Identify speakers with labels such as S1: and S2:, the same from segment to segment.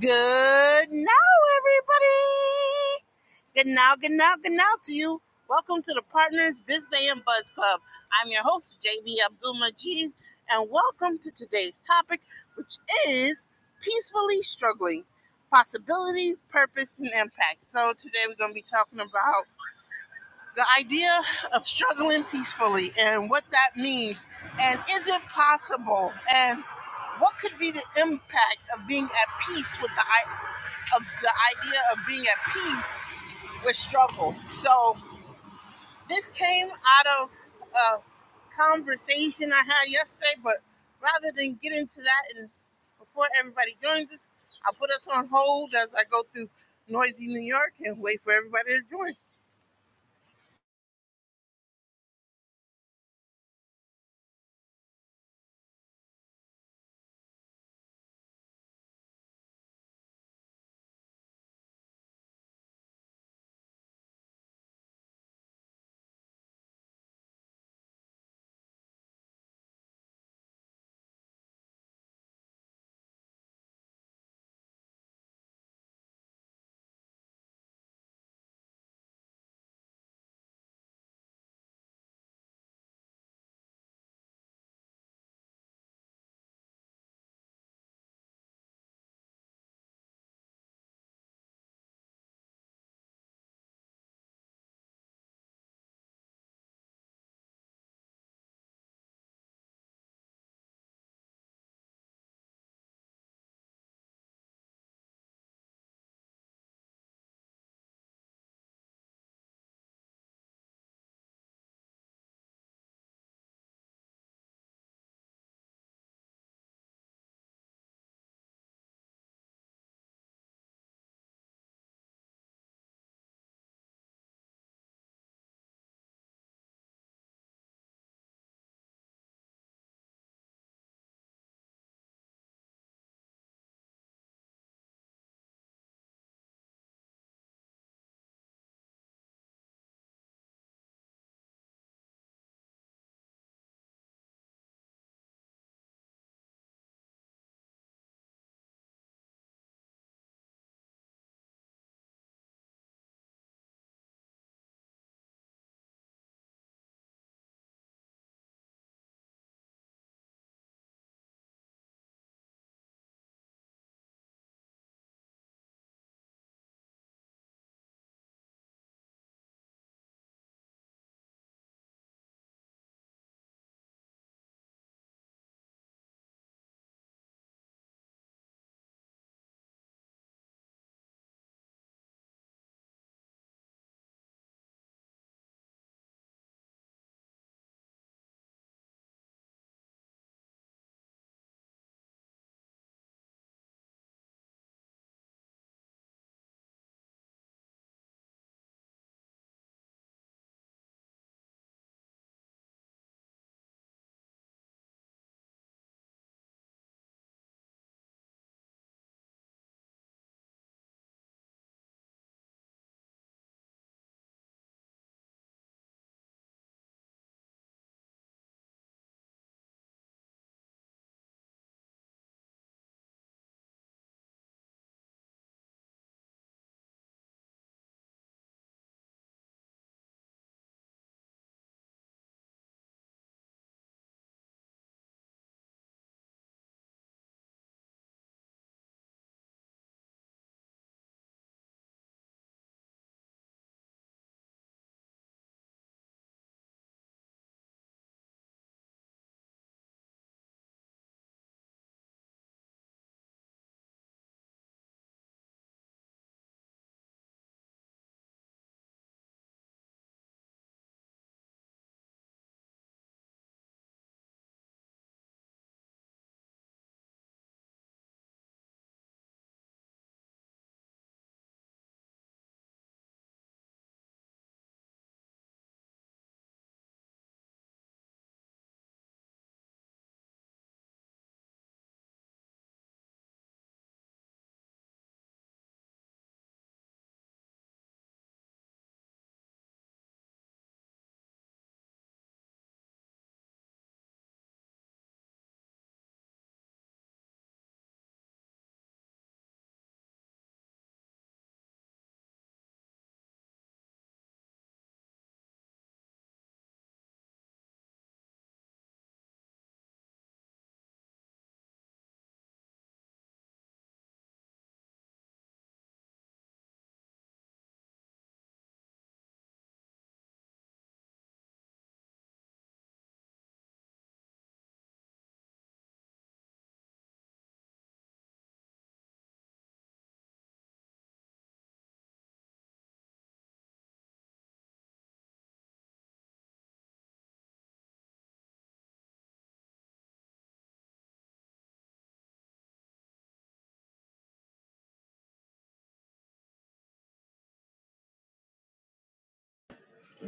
S1: Good now, everybody. Good now, good now, good now to you. Welcome to the Partners Biz Bay and Buzz Club. I'm your host, JB Abdul Majid, and welcome to today's topic, which is peacefully struggling possibility, purpose, and impact. So, today we're going to be talking about the idea of struggling peacefully and what that means and is it possible and what could be the impact of being at peace with the i- of the idea of being at peace with struggle so this came out of a conversation i had yesterday but rather than get into that and before everybody joins us i'll put us on hold as i go through noisy new york and wait for everybody to join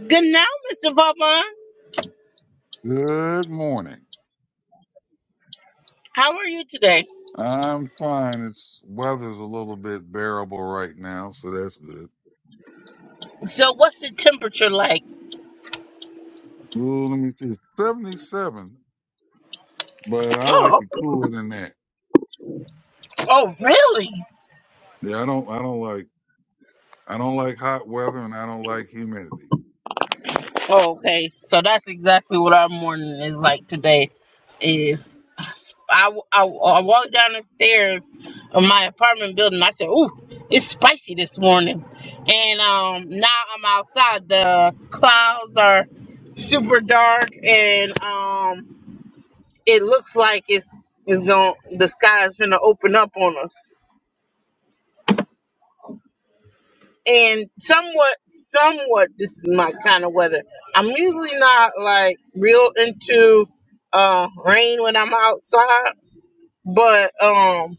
S1: good now mr vaughn
S2: Good morning.
S1: How are you today?
S2: I'm fine. It's weather's a little bit bearable right now, so that's good.
S1: So, what's the temperature like?
S2: Ooh, let me see. It's 77, but I like
S1: Oh,
S2: it cooler than that.
S1: oh, really?
S2: Yeah, I don't. I don't like. I don't like hot weather, and I don't like humidity.
S1: Oh, okay. So that's exactly what our morning is like today. Is I, I, I walked down the stairs of my apartment building. I said, "Ooh, it's spicy this morning," and um, now I'm outside. The clouds are super dark, and um, it looks like it's it's going the sky is gonna open up on us. and somewhat, somewhat, this is my kind of weather. I'm usually not like real into uh rain when I'm outside, but um,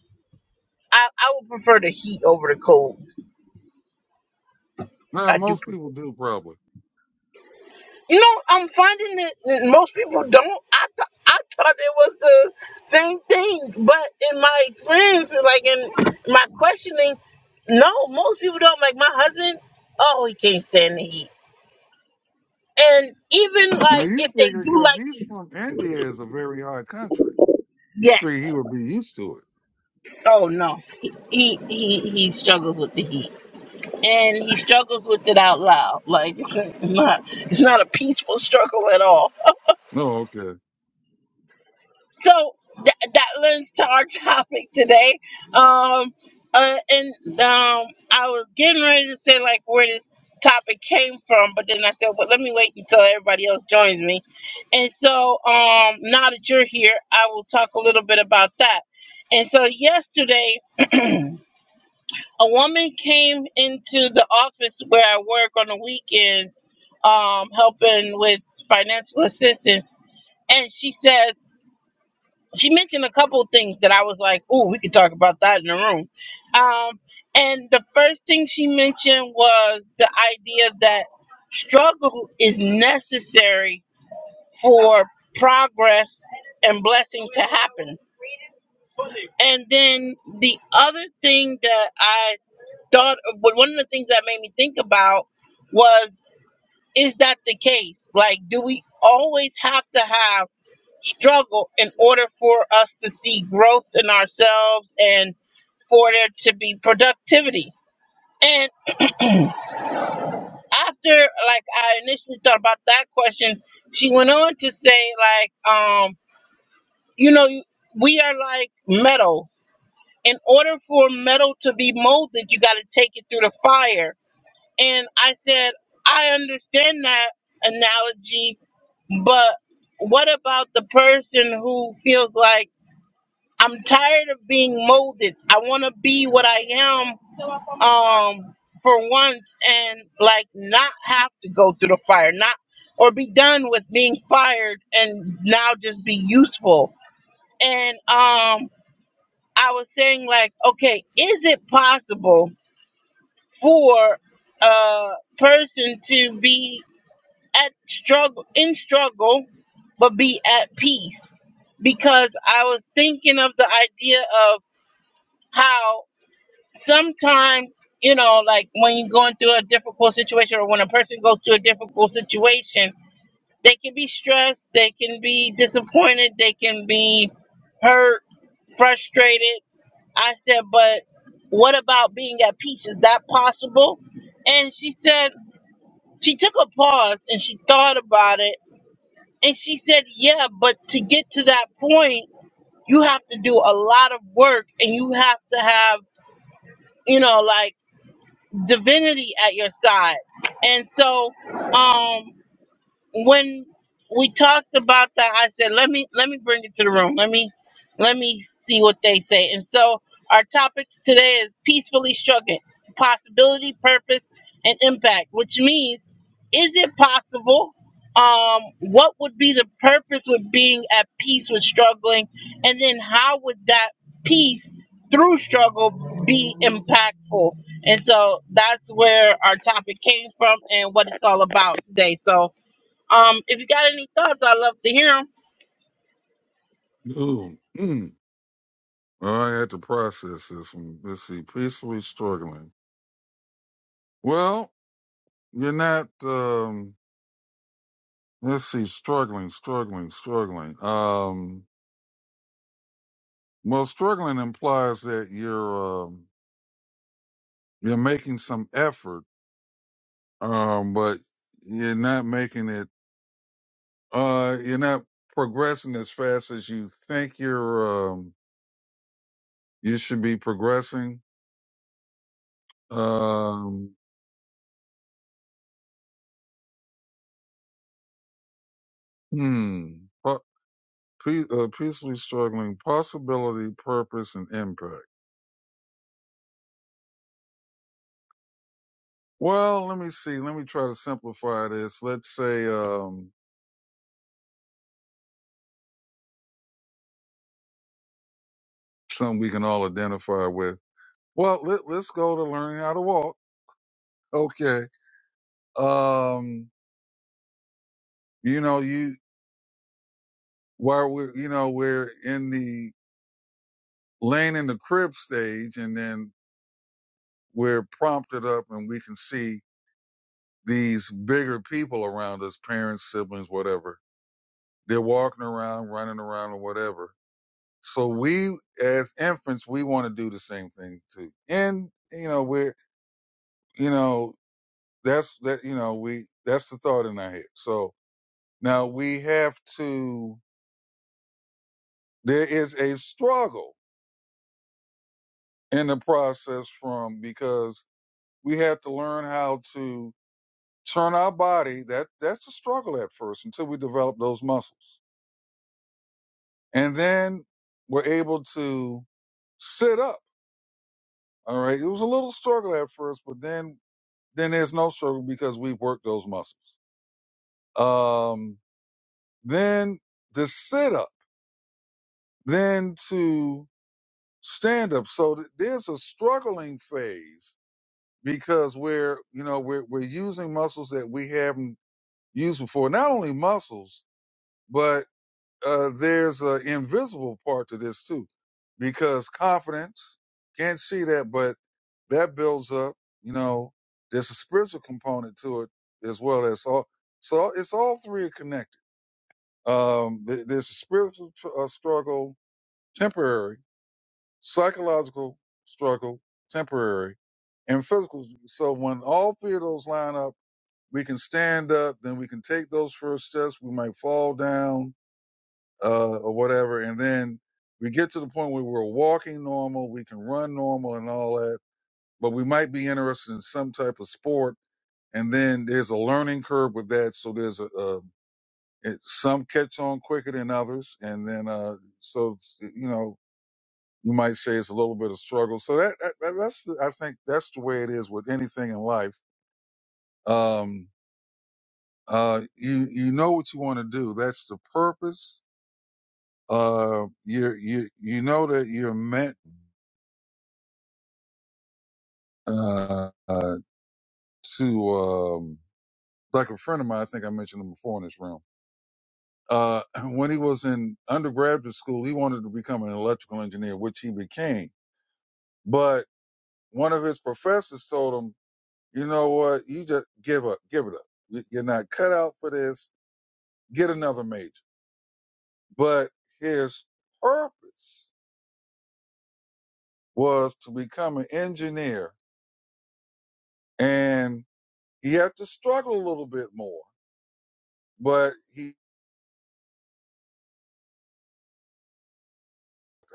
S1: I I would prefer the heat over the cold.
S2: Now,
S1: I do
S2: most people
S1: prefer.
S2: do probably.
S1: You know, I'm finding that most people don't. I th- I thought it was the same thing, but in my experience, like in my questioning, no, most people don't. Like my husband, oh, he can't stand the heat. And even
S2: Now
S1: like
S2: you
S1: if they
S2: figure
S1: do
S2: because
S1: like
S2: he's from India, is a very hot country. You figure he
S1: Yes.
S2: would be used to it.
S1: Oh no. He he he, he struggles with the heat, and he struggles with it out loud. Like it's not it's not a peaceful struggle at all.
S2: No, okay.
S1: So th- that lends to our topic today. Um, uh, and um, I was getting ready to say like where this topic came from, but then I said, well, let me wait until everybody else joins me. And so um, now that you're here, I will talk a little bit about that. And so yesterday. a woman came into the office where I work on the weekends, um, helping with financial assistance, and she said she mentioned a couple of things that I was like, "Ooh, we could talk about that in the room." Um, and the first thing she mentioned was the idea that struggle is necessary for progress and blessing to happen. And then the other thing that I thought of but one of the things that made me think about was is that the case like do we always have to have struggle in order for us to see growth in ourselves and for there to be productivity and after like i initially thought about that question she went on to say like um you know we are like metal in order for metal to be molded you got to take it through the fire And I said, I understand that analogy, but what about the person who feels like I'm tired of being molded? I want to be what I am um, for once and like not have to go through the fire, not or be done with being fired and now just be useful. And um, I was saying, like, okay, is it possible for a person to be? at struggle in struggle but be at peace because i was thinking of the idea of how sometimes you know like when you're going through a difficult situation or when a person goes through a difficult situation they can be stressed they can be disappointed they can be hurt frustrated i said but what about being at peace is that possible and she said she took a pause and she thought about it And she said, Yeah, but to get to that point, you have to do a lot of work and you have to have, you know, like divinity at your side. And so, um, when we talked about that, I said, let me let me bring it to the room. Let me let me see what they say. And so our topic today is peacefully struggling, possibility, purpose, and impact, which means is it possible? Um, what would be the purpose with being at peace with struggling? And then how would that peace through struggle be impactful? And so that's where our topic came from and what it's all about today. So um, if you got any thoughts, I'd love to hear them.
S2: Ooh, mm. Oh, I had to process this one. Let's see. Peacefully struggling. Well. You're not. Um, let's see. Struggling, struggling, struggling. Um, well, struggling implies that you're um, you're making some effort, um, but you're not making it. Uh, you're not progressing as fast as you think you're. Um, you should be progressing. Um, hmm. Po- pe- uh, peacefully struggling. Possibility, purpose, and impact. Well, let me see. Let me try to simplify this. Let's say. Um, something we can all identify with. Well, let, let's go to learning how to walk. Okay. Um, you know, you, while we're, you know, we're in the laying in the crib stage and then we're prompted up and we can see these bigger people around us, parents, siblings, whatever. They're walking around, running around or whatever. So we, as infants, we want to do the same thing too. And, you know, we're, you know, that's that, you know, we, that's the thought in our head. So, Now we have to, there is a struggle in the process from because we have to learn how to turn our body. That that's the struggle at first until we develop those muscles. And then we're able to sit up. All right. It was a little struggle at first, but then then there's no struggle because we have worked those muscles. Um then to sit up, then to stand up. So th- there's a struggling phase because we're you know we're we're using muscles that we haven't used before. Not only muscles, but uh, there's an invisible part to this too, because confidence can't see that, but that builds up. You know, there's a spiritual component to it as well as all. So it's all three are connected. Um, th- there's a spiritual tr- uh, struggle, temporary, psychological struggle, temporary, and physical. So when all three of those line up we can stand up, then we can take those first steps. We might fall down uh, or whatever, and then we get to the point where we're walking normal, we can run normal and all that. But we might be interested in some type of sport, and then there's a learning curve with that. So there's a, a it, some catch on quicker than others, and then uh, so you know you might say it's a little bit of struggle. So that, that that's I think that's the way it is with anything in life. Um, Uh, you you know what you want to do. That's the purpose. Uh, you you you know that you're meant uh, uh to um like a friend of mine. I think I mentioned him before in this room. Uh, when he was in undergraduate school, he wanted to become an electrical engineer, which he became. But one of his professors told him, "You know what? You just give up. Give it up. You- You're not cut out for this. Get another major." But his purpose was to become an engineer and he had to struggle a little bit more, but he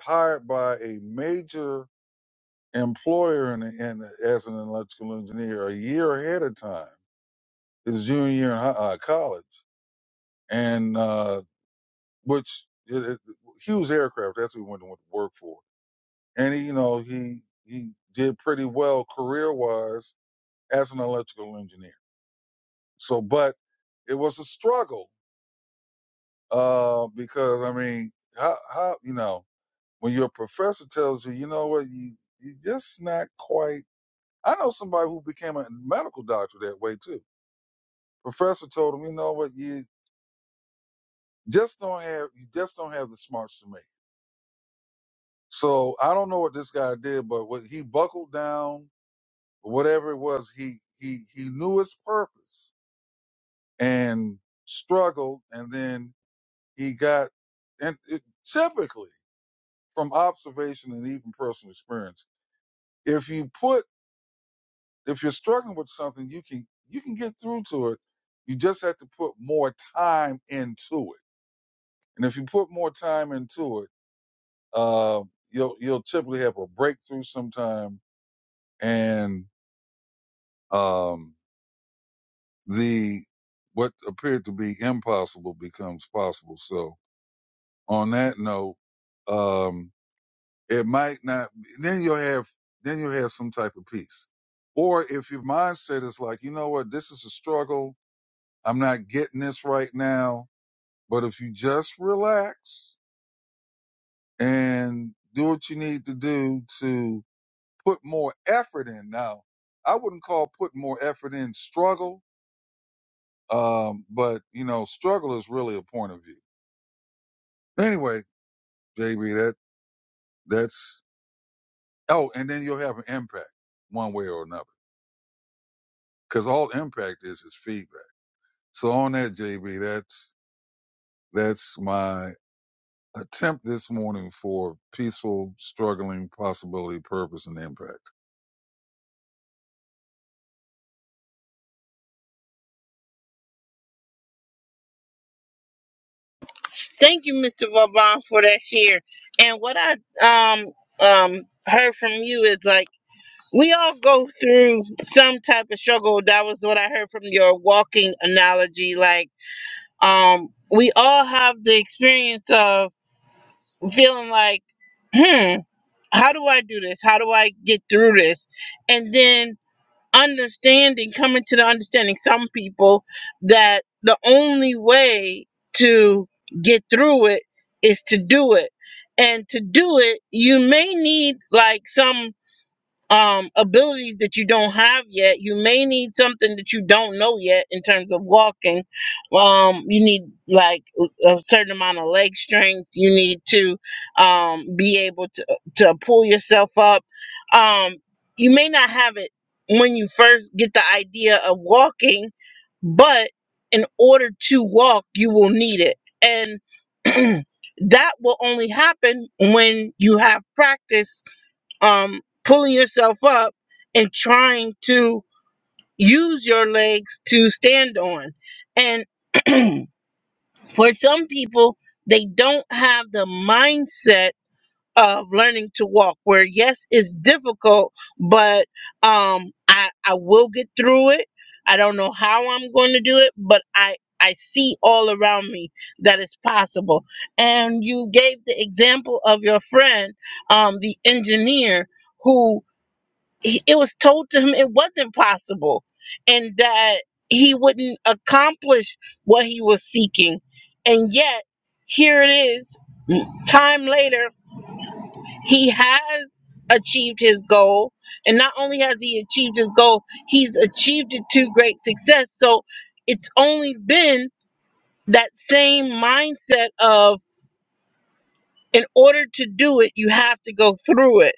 S2: hired by a major employer in, in, as an electrical engineer a year ahead of time, his junior year in hi- uh, college. And, uh, which it, it, Hughes Aircraft, that's what he went to work for. And he, you know, he, he did pretty well career wise as an electrical engineer. So, but it was a struggle Uh, because I mean, how how you know when your professor tells you, you know what, you you just not quite. I know somebody who became a medical doctor that way too. Professor told him, you know what, you just don't have you just don't have the smarts to make. it." So I don't know what this guy did, but what he buckled down, whatever it was, he he he knew his purpose and struggled, and then he got and it, typically from observation and even personal experience if you put if you're struggling with something you can you can get through to it you just have to put more time into it and if you put more time into it uh, you'll you'll typically have a breakthrough sometime and um the what appeared to be impossible becomes possible so on that note um it might not then you'll have then you'll have some type of peace or if your mindset is like you know what this is a struggle I'm not getting this right now, but if you just relax and do what you need to do to put more effort in. Now, I wouldn't call putting more effort in struggle, um, but you know, struggle is really a point of view. Anyway, JB, that that's oh, and then you'll have an impact one way or another because all impact is is feedback. So on that, JB, that's that's my attempt this morning for peaceful, struggling, possibility, purpose, and impact.
S1: Thank you, Mr. Vauban, for that share. And what I um um heard from you is like we all go through some type of struggle. That was what I heard from your walking analogy. Like, um, we all have the experience of feeling like, hmm, how do I do this? How do I get through this? And then understanding, coming to the understanding, some people that the only way to get through it is to do it. And to do it, you may need like some um, abilities that you don't have yet. You may need something that you don't know yet in terms of walking. Um, you need like a certain amount of leg strength. You need to um, be able to to pull yourself up. Um, you may not have it when you first get the idea of walking, but in order to walk, you will need it and. That will only happen when you have practice um, pulling yourself up and trying to use your legs to stand on. And for some people, they don't have the mindset of learning to walk, where yes, it's difficult, but um, I, I will get through it. I don't know how I'm going to do it, but I, I see all around me that it's possible. And you gave the example of your friend, um, the engineer, who he- it was told to him it wasn't possible and that he wouldn't accomplish what he was seeking. And yet, here it is, m- time later, he has achieved his goal. And not only has he achieved his goal, he's achieved it to great success. So it's only been that same mindset of in order to do it, you have to go through it.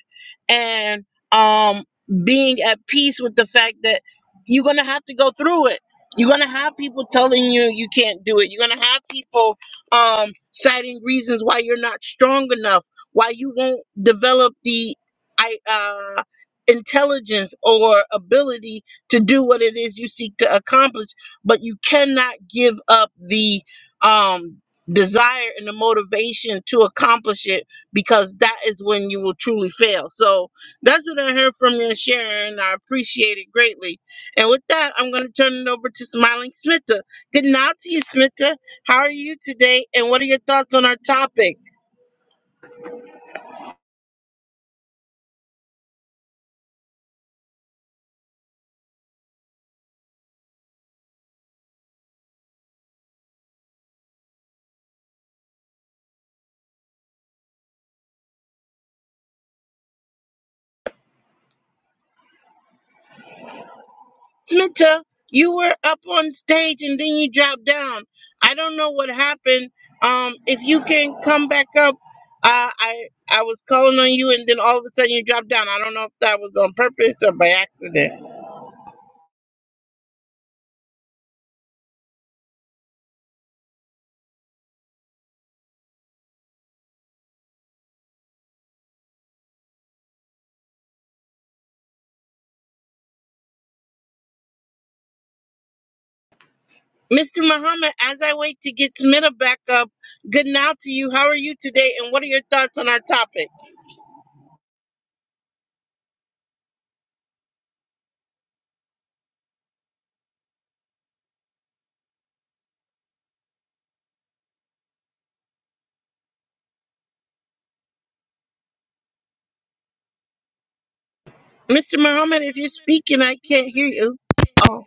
S1: And um, being at peace with the fact that you're going to have to go through it. You're going to have people telling you you can't do it. You're going to have people um, citing reasons why you're not strong enough, why you won't develop the I, uh, intelligence or ability to do what it is you seek to accomplish. But you cannot give up the. Um, desire and the motivation to accomplish it because that is when you will truly fail. So that's what I heard from you, Sharon. I appreciate it greatly. And with that, I'm going to turn it over to Smiling Smita. Good night to you, Smita. How are you today? And what are your thoughts on our topic? Smita, you were up on stage and then you dropped down. I don't know what happened. Um, if you can come back up, uh, I I was calling on you and then all of a sudden you dropped down. I don't know if that was on purpose or by accident. Mr. Muhammad, as I wait to get Smita back up, good now to you. How are you today and what are your thoughts on our topic? Mr. Muhammad,
S3: Mr.
S1: if you're
S3: Muhammad, if
S1: speaking,
S3: you're
S1: I can't
S3: speaking,
S1: hear
S3: I
S1: you. Oh.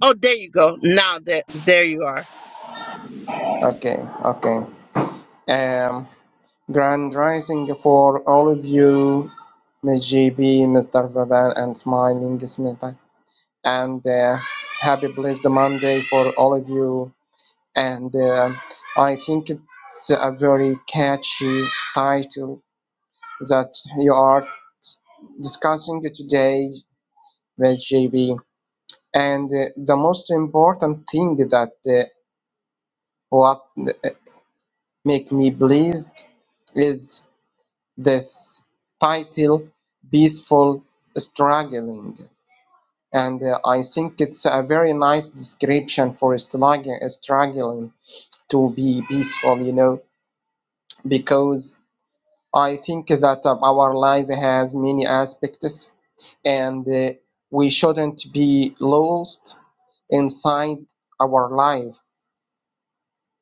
S1: Oh, there you go. Now that there you are.
S3: Okay, okay. Um, grand rising for all of you, Ms. GB, Mr. Vavan, and Smiling Smita. And uh, happy blessed Monday for all of you. And uh, I think it's a very catchy title that you are discussing today, Ms. GB. And uh, the most important thing that uh, what uh, Make Me Blessed is this title, peaceful struggling. And uh, I think it's a very nice description for struggling, struggling to be peaceful, you know, because I think that uh, our life has many aspects and uh, we shouldn't be lost inside our life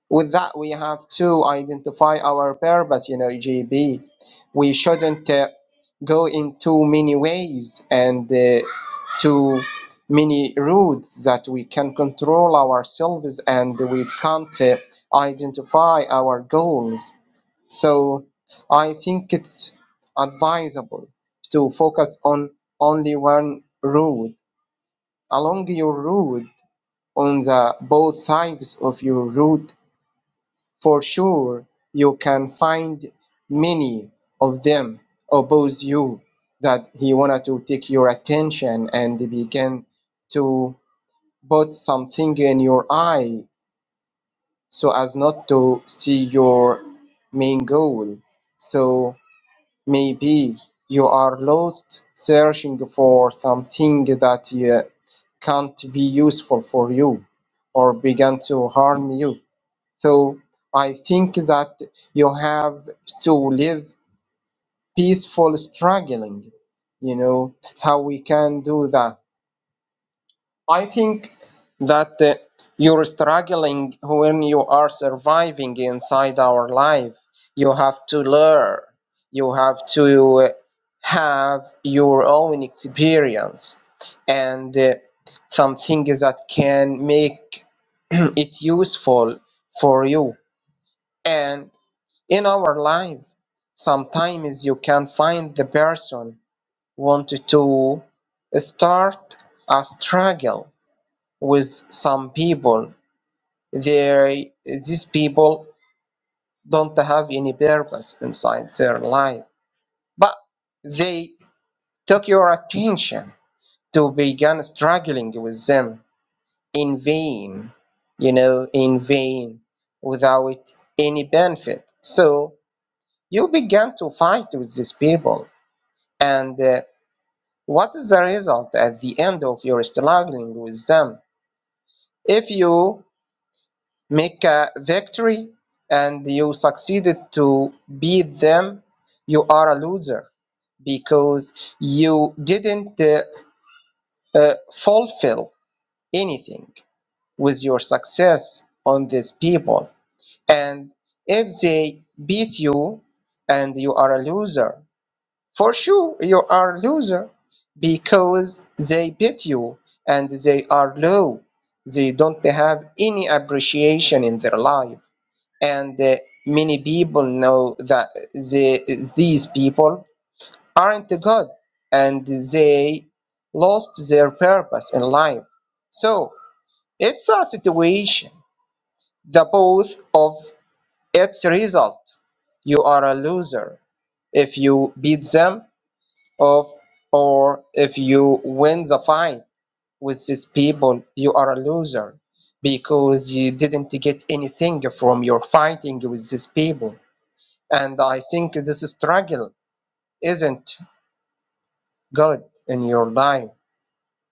S3: with that we have to identify our purpose you know gb we shouldn't uh, go in too many ways and uh, too many routes that we can control ourselves and we can't uh, identify our goals so i think it's advisable to focus on only one route along your route on the both sides of your route for sure you can find many of them oppose you that he wanted to take your attention and begin to put something in your eye so as not to see your main goal. So maybe you are lost searching for something that uh, can't be useful for you or begin to harm you. So I think that you have to live peaceful struggling. You know how we can do that. I think that uh, you're struggling when you are surviving inside our life. You have to learn. You have to uh, have your own experience and uh, something that can make it useful for you. And in our life sometimes you can find the person wanted to start a struggle with some people they these people don't have any purpose inside their life but they took your attention to begin struggling with them in vain you know in vain without any benefit so you began to fight with these people And uh, what is the result at the end of your struggling with them? If you make a victory and you succeeded to beat them, you are a loser because you didn't uh, uh, fulfill anything with your success on these people. And if they beat you and you are a loser, For sure you are loser because they beat you and they are low. They don't have any appreciation in their life. And uh, many people know that they, these people aren't good and they lost their purpose in life. So it's a situation, the both of its result. You are a loser if you beat them of or if you win the fight with these people, you are a loser because you didn't get anything from your fighting with these people. And I think this struggle isn't good in your life.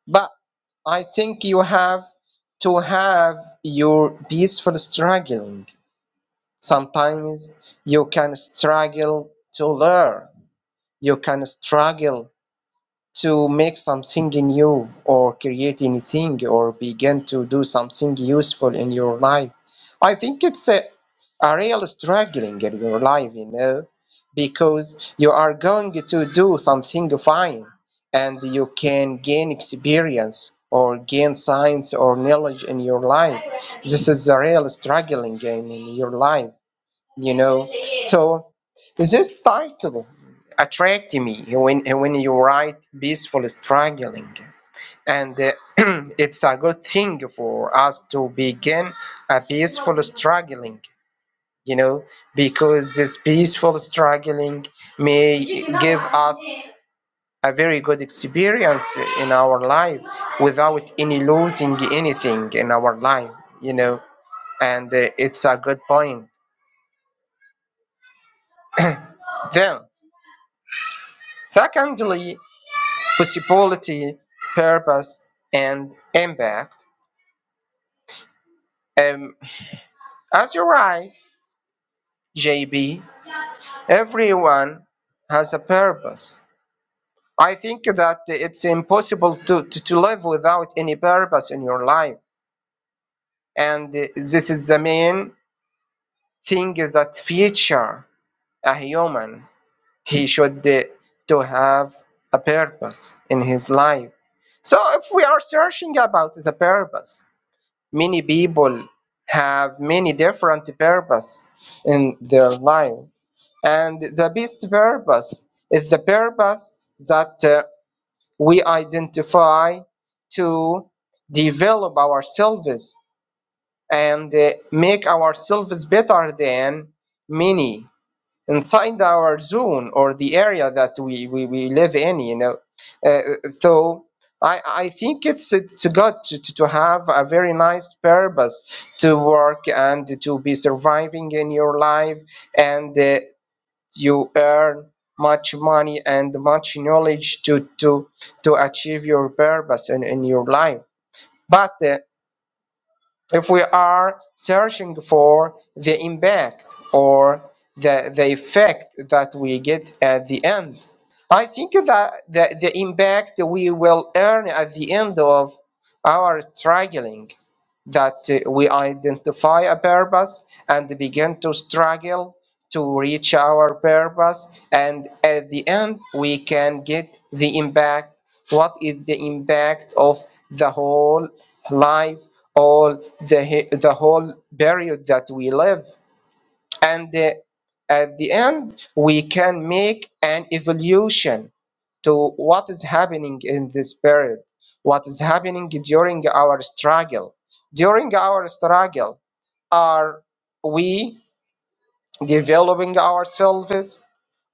S3: But I think you have to have your peaceful struggling. Sometimes you can struggle to learn, you can struggle to make something new or create anything or begin to do something useful in your life. I think it's a, a real struggling in your life, you know, because you are going to do something fine and you can gain experience or gain science or knowledge in your life. This is a real struggling in, in your life you know. So this title attracted me when when you write peaceful struggling, and uh, it's a good thing for us to begin a peaceful struggling, you know, because this peaceful struggling may give us a very good experience in our life without any losing anything in our life, you know, and uh, it's a good point. Then. Secondly, possibility, purpose, and impact. Um, as you're right, JB, everyone has a purpose. I think that it's impossible to, to, to live without any purpose in your life. And uh, this is the main thing is that future a human, he should uh, to have a purpose in his life. So if we are searching about the purpose, Many people have many different purpose in their life, and the best purpose is the purpose that uh, we identify to develop ourselves and uh, make ourselves better than many inside our zone or the area that we, we, we live in, you know. Uh, so I, I think it's it's good to, to, to have a very nice purpose to work and to be surviving in your life and uh, you earn much money and much knowledge to to to achieve your purpose in, in your life but uh, if we are searching for the impact or the, the effect that we get at the end. I think that the, the impact we will earn at the end of our struggling, that uh, we identify a purpose and begin to struggle to reach our purpose and at the end we can get the impact what is the impact of the whole life all the he- the whole period that we live and uh, at the end we can make an evolution to what is happening in this period what is happening during our struggle during our struggle are we developing ourselves?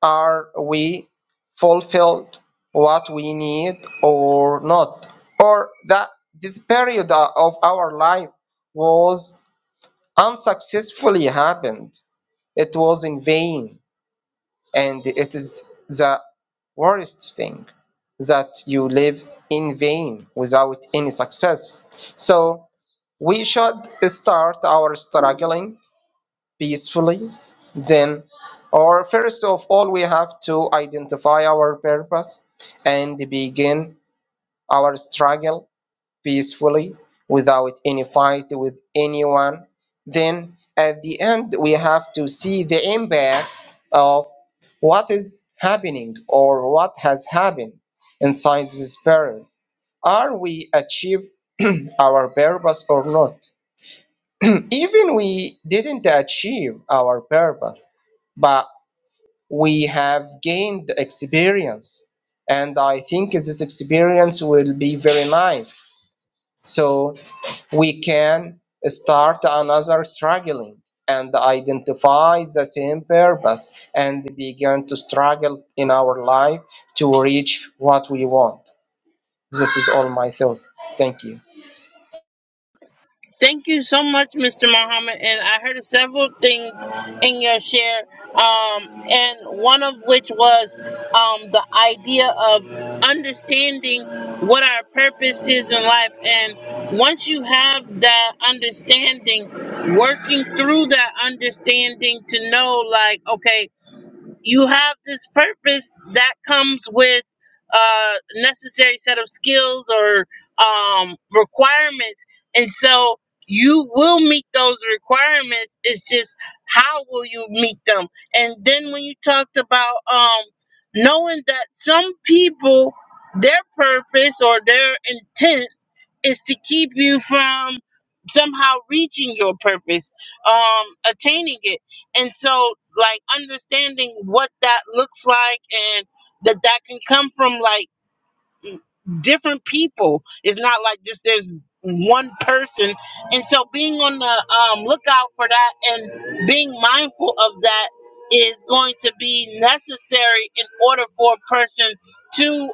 S3: Are we fulfilled what we need or not? Or that this period of our life was unsuccessfully happened. It was in vain. And it is the worst thing that you live in vain without any success. So we should start our struggling peacefully, then, or first of all, we have to identify our purpose and begin our struggle peacefully without any fight with anyone. Then, at the end, we have to see the impact of what is happening or what has happened inside this period. Are we achieve our purpose or not? Even we didn't achieve our purpose but we have gained experience and i think this experience will be very nice so we can start another struggling and identify the same purpose and begin to struggle in our life to reach what we want this is all my thought thank you
S1: Thank you so much, Mr. Muhammad. And I heard several things in your share, um, and one of which was um, the idea of understanding what our purpose is in life. And once you have that understanding, working through that understanding to know, like, okay. you have this purpose that comes with a necessary set of skills or um, requirements and so you will meet those requirements it's just how will you meet them and then when you talked about um, knowing that some people their purpose or their intent is to keep you from somehow reaching your purpose um attaining it and so like understanding what that looks like and that that can come from like different people it's not like just there's one person and so being on the um lookout for that and being mindful of that is going to be necessary in order for a person to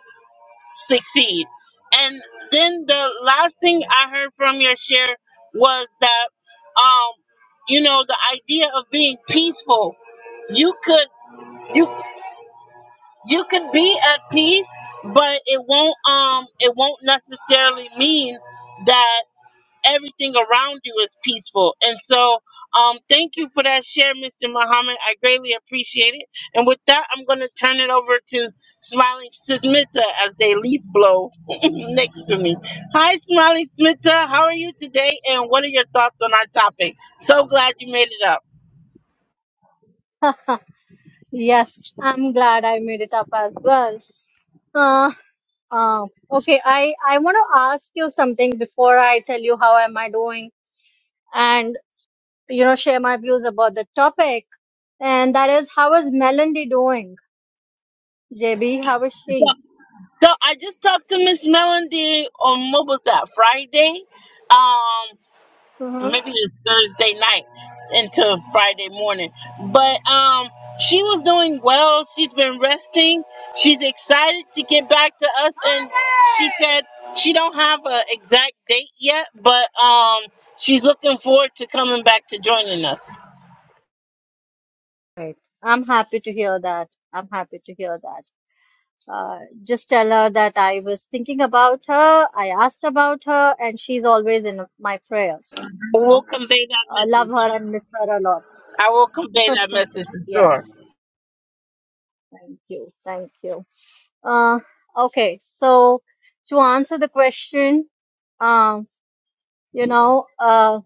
S1: succeed. And then the last thing I heard from your share was that, um, you know, the idea of being peaceful. You could you you could be at peace, but it won't um it won't necessarily mean that everything around you is peaceful. And so, um, thank you for that share, Mr. Muhammad. I greatly appreciate it. And with that, I'm going to turn it over to Smiling Smita as they leaf blow next to me. Hi, Smiling Smita. How are you today? And what are your thoughts on our topic? So glad you made it up.
S4: yes, I'm glad I made it up as well. Uh, uh, okay, I, I want to ask you something before I tell you how am I doing and, you know, share my views about the topic. And that is, how is Melody doing? JB, how is
S1: So,
S4: she?
S1: so I just talked to Miss Melody on what was that Friday? Um,
S4: hmm
S1: maybe it's Thursday night into Friday morning. But um she was doing well. She's been resting. She's excited to get back to us and she said she don't have an exact date yet, but um she's looking forward to coming back to joining us.
S4: Right. I'm happy to hear that. I'm happy to hear that. Uh, just tell her that I was thinking about her. I asked about her and she's always in my prayers. You
S1: We'll
S4: know,
S1: convey that
S4: I love
S1: message.
S4: her and miss her a lot.
S1: I will convey that message for sure.
S4: Yes, thank you, thank you. Uh, okay, so to answer the question, um, you know, uh,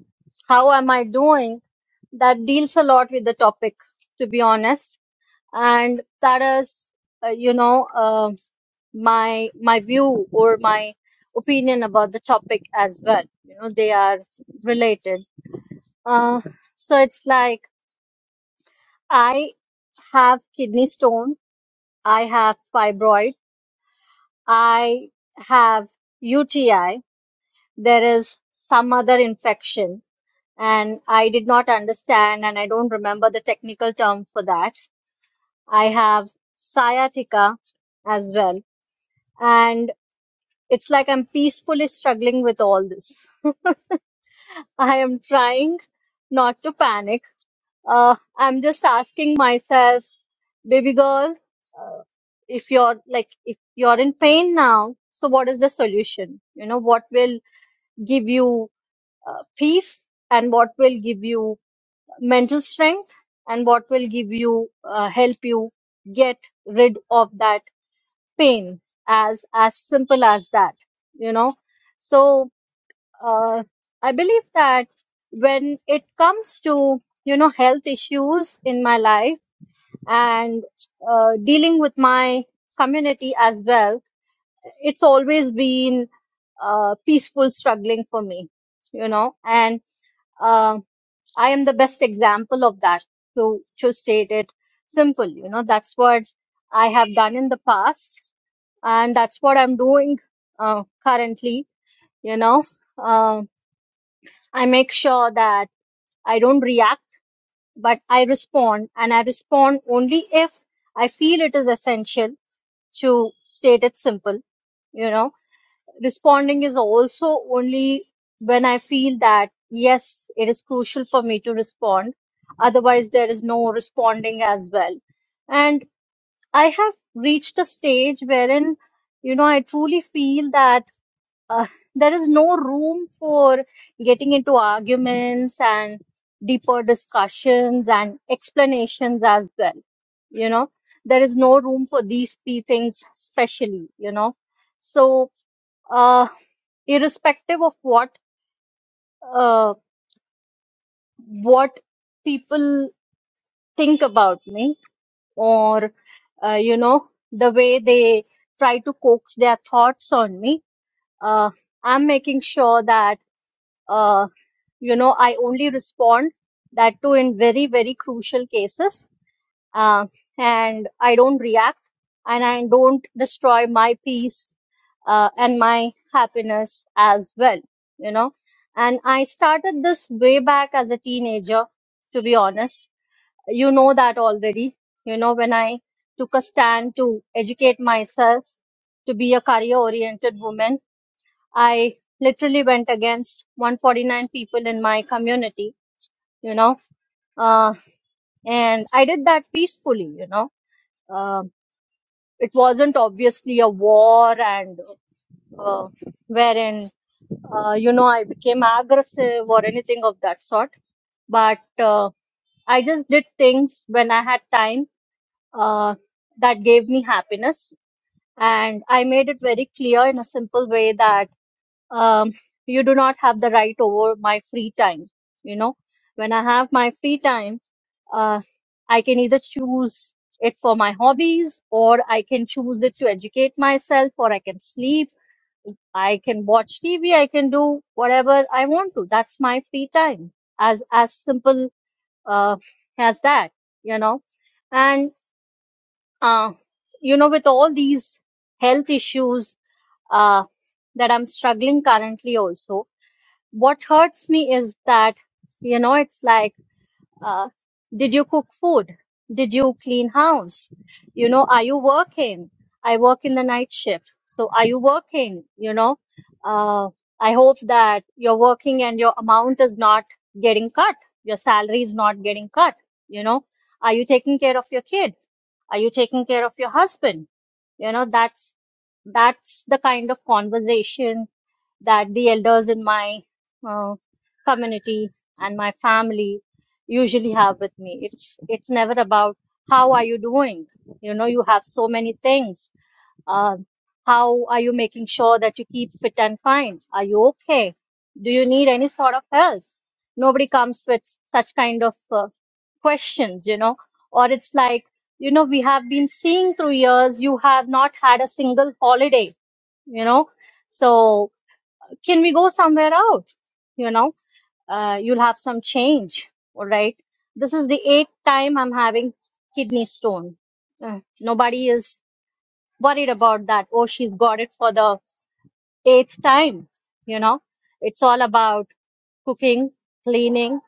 S4: how am I doing? That deals a lot with the topic, to be honest, and that is, uh, you know, uh, my my view or my opinion about the topic as well. You know, they are related. Uh, so it's like I have kidney stone, I have fibroid. I have UTI, there is some other infection, and I did not understand and I don't remember the technical term for that. I have sciatica as well, and it's like I'm peacefully struggling with all this. I am trying not to panic. Uh, I'm just asking myself, baby girl, uh, if you're like, if you're in pain now, so what is the solution? You know, what will give you uh, peace and what will give you mental strength and what will give you uh, help you get rid of that pain as as simple as that you know so uh, i believe that when it comes to you know health issues in my life and uh, dealing with my community as well it's always been uh, peaceful struggling for me you know and uh, I am the best example of that. To to state it simple, you know, that's what I have done in the past, and that's what I'm doing uh, currently. You know, uh, I make sure that I don't react, but I respond, and I respond only if I feel it is essential. To state it simple, you know responding is also only when I feel that, yes, it is crucial for me to respond. Otherwise, there is no responding as well. And I have reached a stage wherein, you know, I truly feel that uh, there is no room for getting into arguments and deeper discussions and explanations as well. You know, there is no room for these three things, especially, you know. So, uh, irrespective of what uh, what people think about me or uh, you know the way they try to coax their thoughts on me uh, i'm making sure that uh, you know i only respond that too in very very crucial cases uh, and I don't react and I don't destroy my peace uh, and my happiness as well, you know. And I started this way back as a teenager, to be honest. You know that already, you know, when I took a stand to educate myself to be a career oriented woman, I literally went against 149 people in my community, you know, uh, and I did that peacefully, you know Um it wasn't obviously a war and uh, wherein uh, you know i became aggressive or anything of that sort but uh, i just did things when i had time uh, that gave me happiness and i made it very clear in a simple way that um, you do not have the right over my free time. You know, when I have my free time, uh, I can either choose it for my hobbies or I can choose it to educate myself or I can sleep. I can watch TV. I can do whatever I want to. That's my free time. As, as simple, uh, as that, you know, and, uh, you know, with all these health issues, uh, that I'm struggling currently also, what hurts me is that you know it's like uh, did you cook food did you clean house you know are you working i work in the night shift so are you working you know uh, i hope that you're working and your amount is not getting cut your salary is not getting cut you know are you taking care of your kid are you taking care of your husband you know that's that's the kind of conversation that the elders in my uh, community and my family usually have with me it's it's never about how are you doing you know you have so many things uh, how are you making sure that you keep fit and fine are you okay do you need any sort of help nobody comes with such kind of uh, questions you know or it's like you know we have been seeing through years you have not had a single holiday you know so can we go somewhere out? You know, uh, you'll have some change. All right. This is the eighth time I'm having kidney stone. Uh, nobody is worried about that. Oh, she's got it for the eighth time. You know, it's all about cooking, cleaning,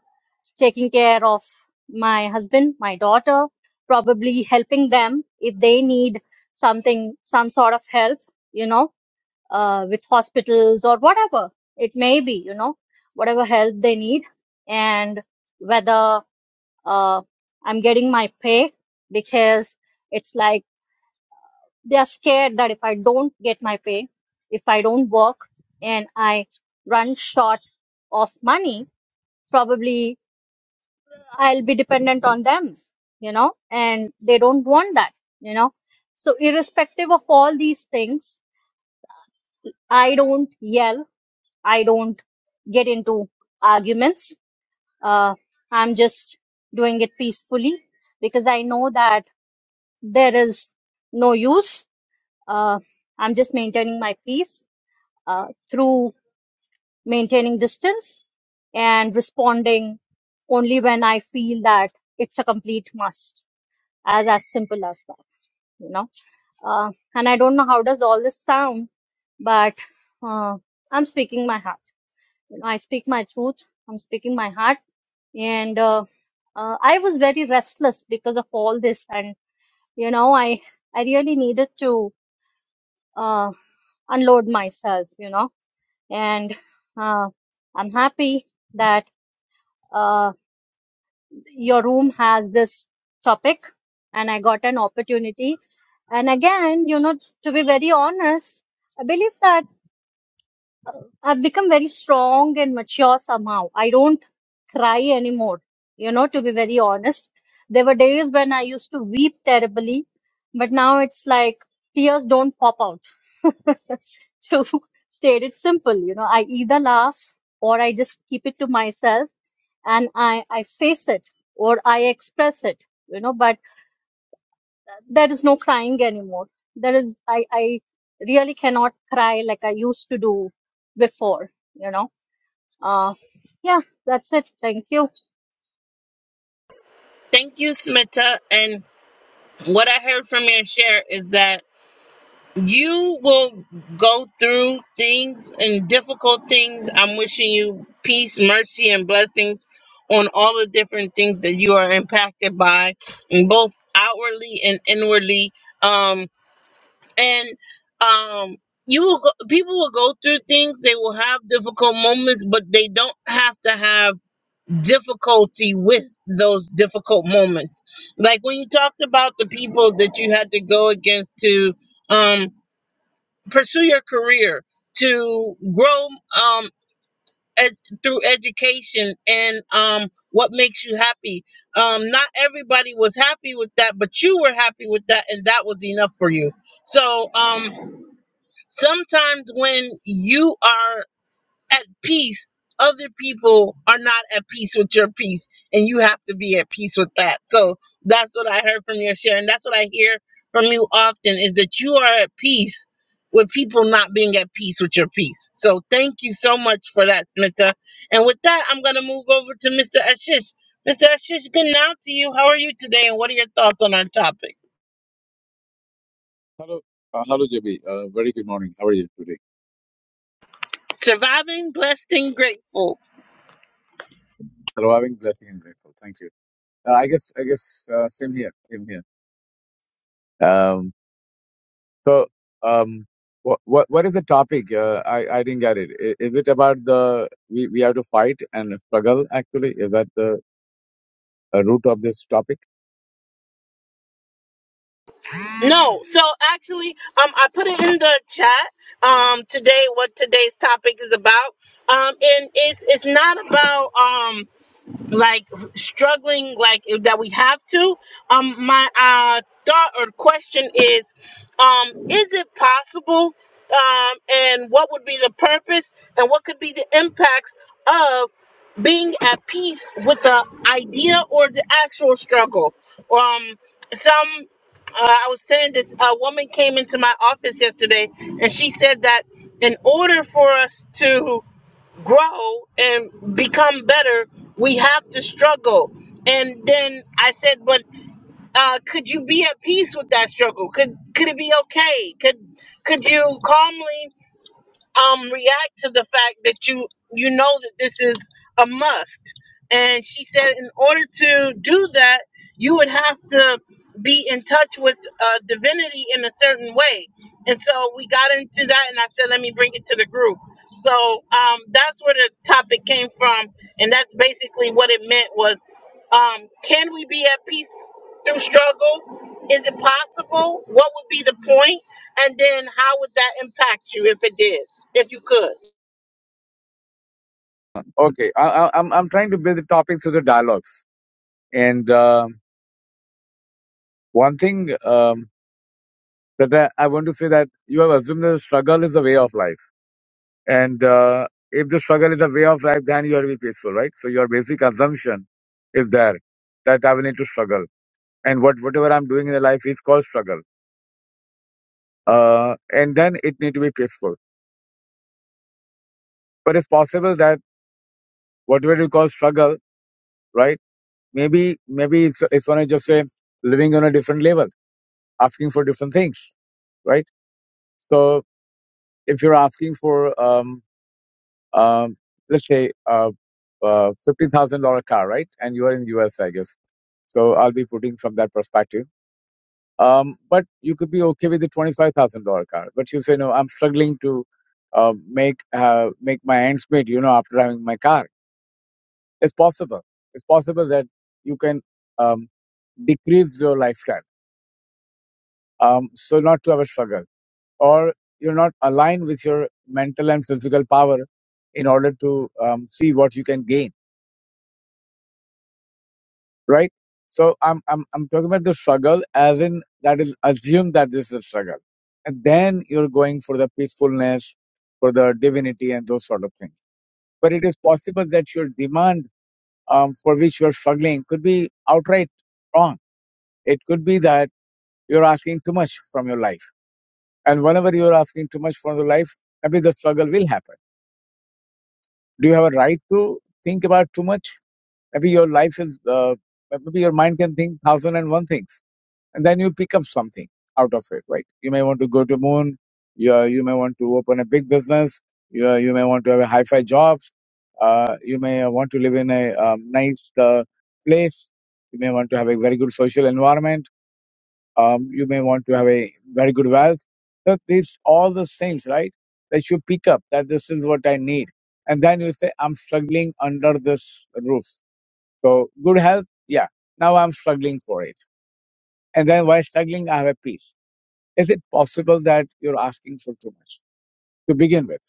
S4: taking care of my husband, my daughter, probably helping them if they need something, some sort of help, you know uh, with hospitals or whatever it may be, you know, whatever help they need and whether uh, I'm getting my pay because it's like they're scared that if I don't get my pay, if I don't work and I run short of money, probably I'll be dependent on them, you know, and they don't want that, you know. So irrespective of all these things, I don't yell I don't get into arguments. Uh, I'm just doing it peacefully because I know that there is no use. Uh, I'm just maintaining my peace uh, through maintaining distance and responding only when I feel that it's a complete must, as as simple as that, you know. Uh, and I don't know how does all this sound, but uh, I'm speaking my heart. You know, I speak my truth. I'm speaking my heart and uh, uh, I was very restless because of all this, and you know, I I really needed to uh, unload myself, you know, and uh, I'm happy that uh, your room has this topic, and I got an opportunity. And again, you know, to be very honest, I believe that. I've become very strong and mature somehow. I don't cry anymore, you know, to be very honest. There were days when I used to weep terribly, but now it's like tears don't pop out. To state it simple, you know, I either laugh or I just keep it to myself and I, I face it or I express it, you know, but there is no crying anymore. There is, I, I really cannot cry like I used to do before, you know Uh, yeah, that's it. Thank you.
S1: Thank you, Smita. And what I heard from your share is that you will go through things and difficult things. I'm wishing you peace, mercy, and blessings on all the different things that you are impacted by, and both outwardly and inwardly. Um, and um, you will go, people will go through things. They will have difficult moments, but they don't have to have difficulty with those difficult moments. Like when you talked about the people that you had to go against to. Um, pursue your career, to grow um, ed- through education and um, what makes you happy. Um, not everybody was happy with that, but you were happy with that, and that was enough for you. So um, sometimes when you are at peace, other people are not at peace with your peace, and you have to be at peace with that. So that's what I heard from your share, and that's what I hear from you often is that you are at peace with people not being at peace with your peace. So thank you so much for that, Smita. And with that, I'm gonna move over to Mr. Ashish. Mr. Ashish, good now to you. How are you today, and what are your thoughts on our topic?
S5: Hello, uh, hello, JB. Uh, very good morning. How are you today?
S1: Surviving, blessed, and grateful.
S5: Surviving, blessing, and grateful. Thank you. Uh, I guess, I guess, uh, same here. Same here. Um, so, um, what, what, what is the topic? Uh, I, I didn't get it. Is, is it about the we, we have to fight and struggle? Actually, is that the uh, root of this topic?
S1: No, so actually, um, I put it in the chat. Um, today, what today's topic is about. Um, and it's it's not about um like struggling like if- that we have to um my uh thought or question is um is it possible um and what would be the purpose and what could be the impacts of being at peace with the idea or the actual struggle um some uh, i was saying this a woman came into my office yesterday and she said that in order for us to grow and become better, we have to struggle. And then I said, but uh, could you be at peace with that struggle? Could could it be okay? Could could you calmly? um react to the fact that you you know that this is a must and she said in order to do that you would have to be in touch with uh, divinity in a certain way and so we got into that and i said let me bring it to the group so um, that's where the topic came from and that's basically what it meant was um, can we be at peace through struggle is it possible what would be the point point? and then how would that impact you if it did if you could.
S5: Okay, I, I, I'm, I'm trying to build the topic through the dialogues. And um one thing um, that I, I want to say that you have assumed that struggle is the way of life And uh, if the struggle is a way of life, then you will be peaceful, right? So your basic assumption is there that I will need to struggle, and what whatever I'm doing in the life is called struggle. Uh, and then it need to be peaceful. But it's possible that whatever you call struggle, right? Maybe maybe it's it's only just say living on a different level, asking for different things, right? So if you're asking for um, um, let's say a, a fifteen thousand dollar car, right? And you are in US, I guess. So I'll be putting from that perspective. Um, but you could be okay with the twenty five thousand dollar car, but you say no, I'm struggling to uh, make uh, make my ends meet. You know, after having my car, it's possible. It's possible that you can um, decrease your lifestyle, um, so not to have a struggle, or you're not aligned with your mental and physical power in order to um, see what you can gain right? So I'm I'm I'm talking about the struggle as in that is assume that this is a struggle. And then you're going for the peacefulness, for the divinity and those sort of things. But it is possible that your demand um, for which you're struggling could be outright wrong. It could be that you're asking too much from your life. And whenever you're asking too much from your life, maybe the struggle will happen. Do you have a right to think about too much? Maybe your life is, uh, maybe your mind can think thousand and one things and then you pick up something out of it right you may want to go to moon you, uh, you may want to open a big business you, uh, you may want to have a high-fi job uh, you may uh, want to live in a um, nice uh, place you may want to have a very good social environment um, you may want to have a very good wealth so these all those things right that you pick up that this is what i need and then you say i'm struggling under this roof so good health yeah now i'm struggling for it and then while struggling i have a peace is it possible that you're asking for too much to begin with?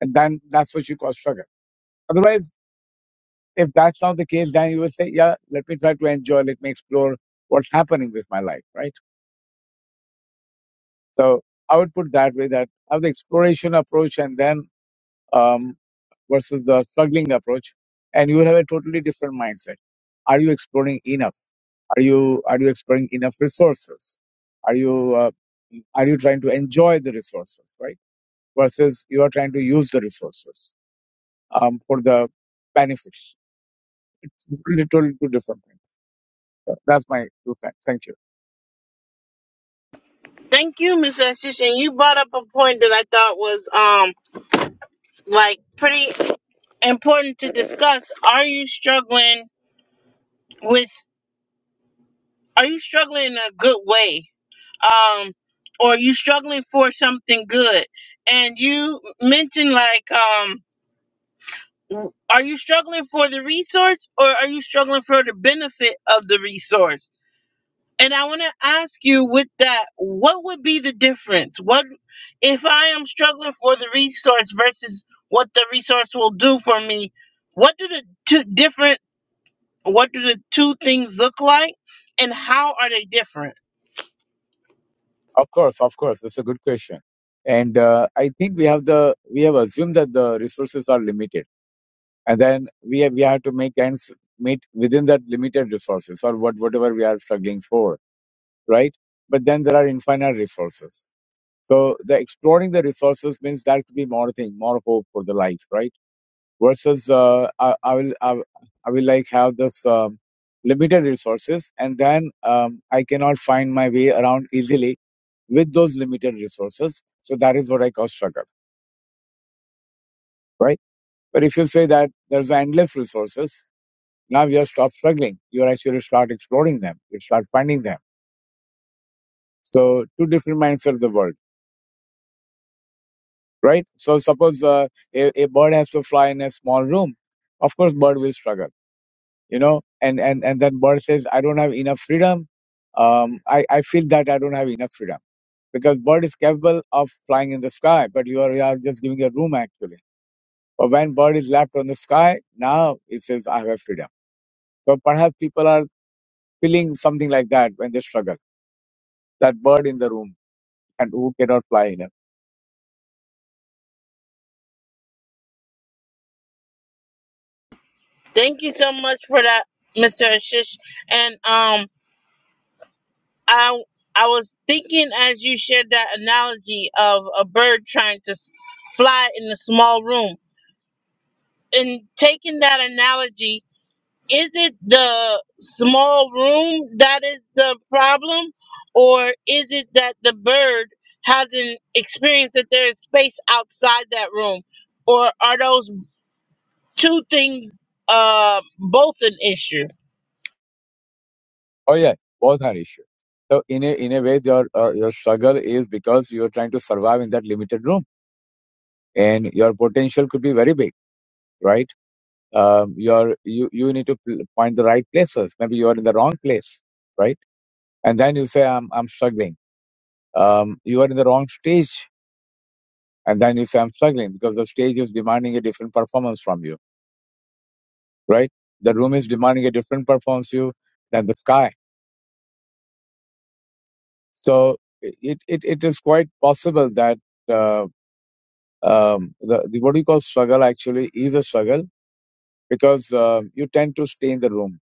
S5: And then that's what you call struggle. Otherwise, if that's not the case, then you will say, yeah, let me try to enjoy, let me explore what's happening with my life, right? So I would put that way that have the exploration approach and then um, versus the struggling approach, and you will have a totally different mindset. Are you exploring enough? Are you are you exploring enough resources? Are you uh, are you trying to enjoy the resources, right? versus you are trying to use the resources um, for the benefits. It's Literally two different things. So That's my two cents. Thank you.
S1: Thank you, Miss Ashish. And you brought up a point that I thought was um like pretty important to discuss. Are you struggling with are you struggling in a good way? Um or are you struggling for something good? And you mentioned like um are you struggling for the resource or are you struggling for the benefit of the resource? And I want to ask you with that, what would be the difference? What if I am struggling for the resource versus what the resource will do for me? What do the two different what do the two things look like and how are they different?
S5: Of course, of course, that's a good question, and uh, I think we have the we have assumed that the resources are limited, and then we have, we have to make ends meet within that limited resources or what whatever we are struggling for, right? But then there are infinite resources. So the exploring the resources means there could be more thing, more hope for the life, right? versus uh, I, I will I, will- I will like have this um, limited resources and then um, I cannot find my way around easily with those limited resources. So that is what I call struggle, right? But if you say that there's endless resources, now you have stopped struggling. You actually start exploring them. You start finding them. So two different mindset of the world, right? So suppose uh, a, a bird has to fly in a small room. Of course, bird will struggle you know and and and then bird says i don't have enough freedom um i i feel that i don't have enough freedom because bird is capable of flying in the sky but you are, you are just giving a room actually but when bird is left on the sky now it says i have freedom so perhaps people are feeling something like that when they struggle that bird in the room and who cannot fly in it
S1: Thank you so much for that, Mr. Ashish. And um I I was thinking as you shared that analogy of a bird trying to s- fly in a small room and taking that analogy is it the small room that is the problem or is it that the bird hasn't experienced that there is space outside that room or are those two things uh, both an issue
S5: oh yes both are issues so in a in a way your uh, your struggle is because you are trying to survive in that limited room and your potential could be very big right um, you're you you need to pl- point the right places maybe you are in the wrong place right and then you say i'm i'm struggling um, you are in the wrong stage and then you say i'm struggling because the stage is demanding a different performance from you right the room is demanding a different performance you than the sky so it it, it is quite possible that uh, um, the, the what you call struggle actually is a struggle because uh, you tend to stay in the room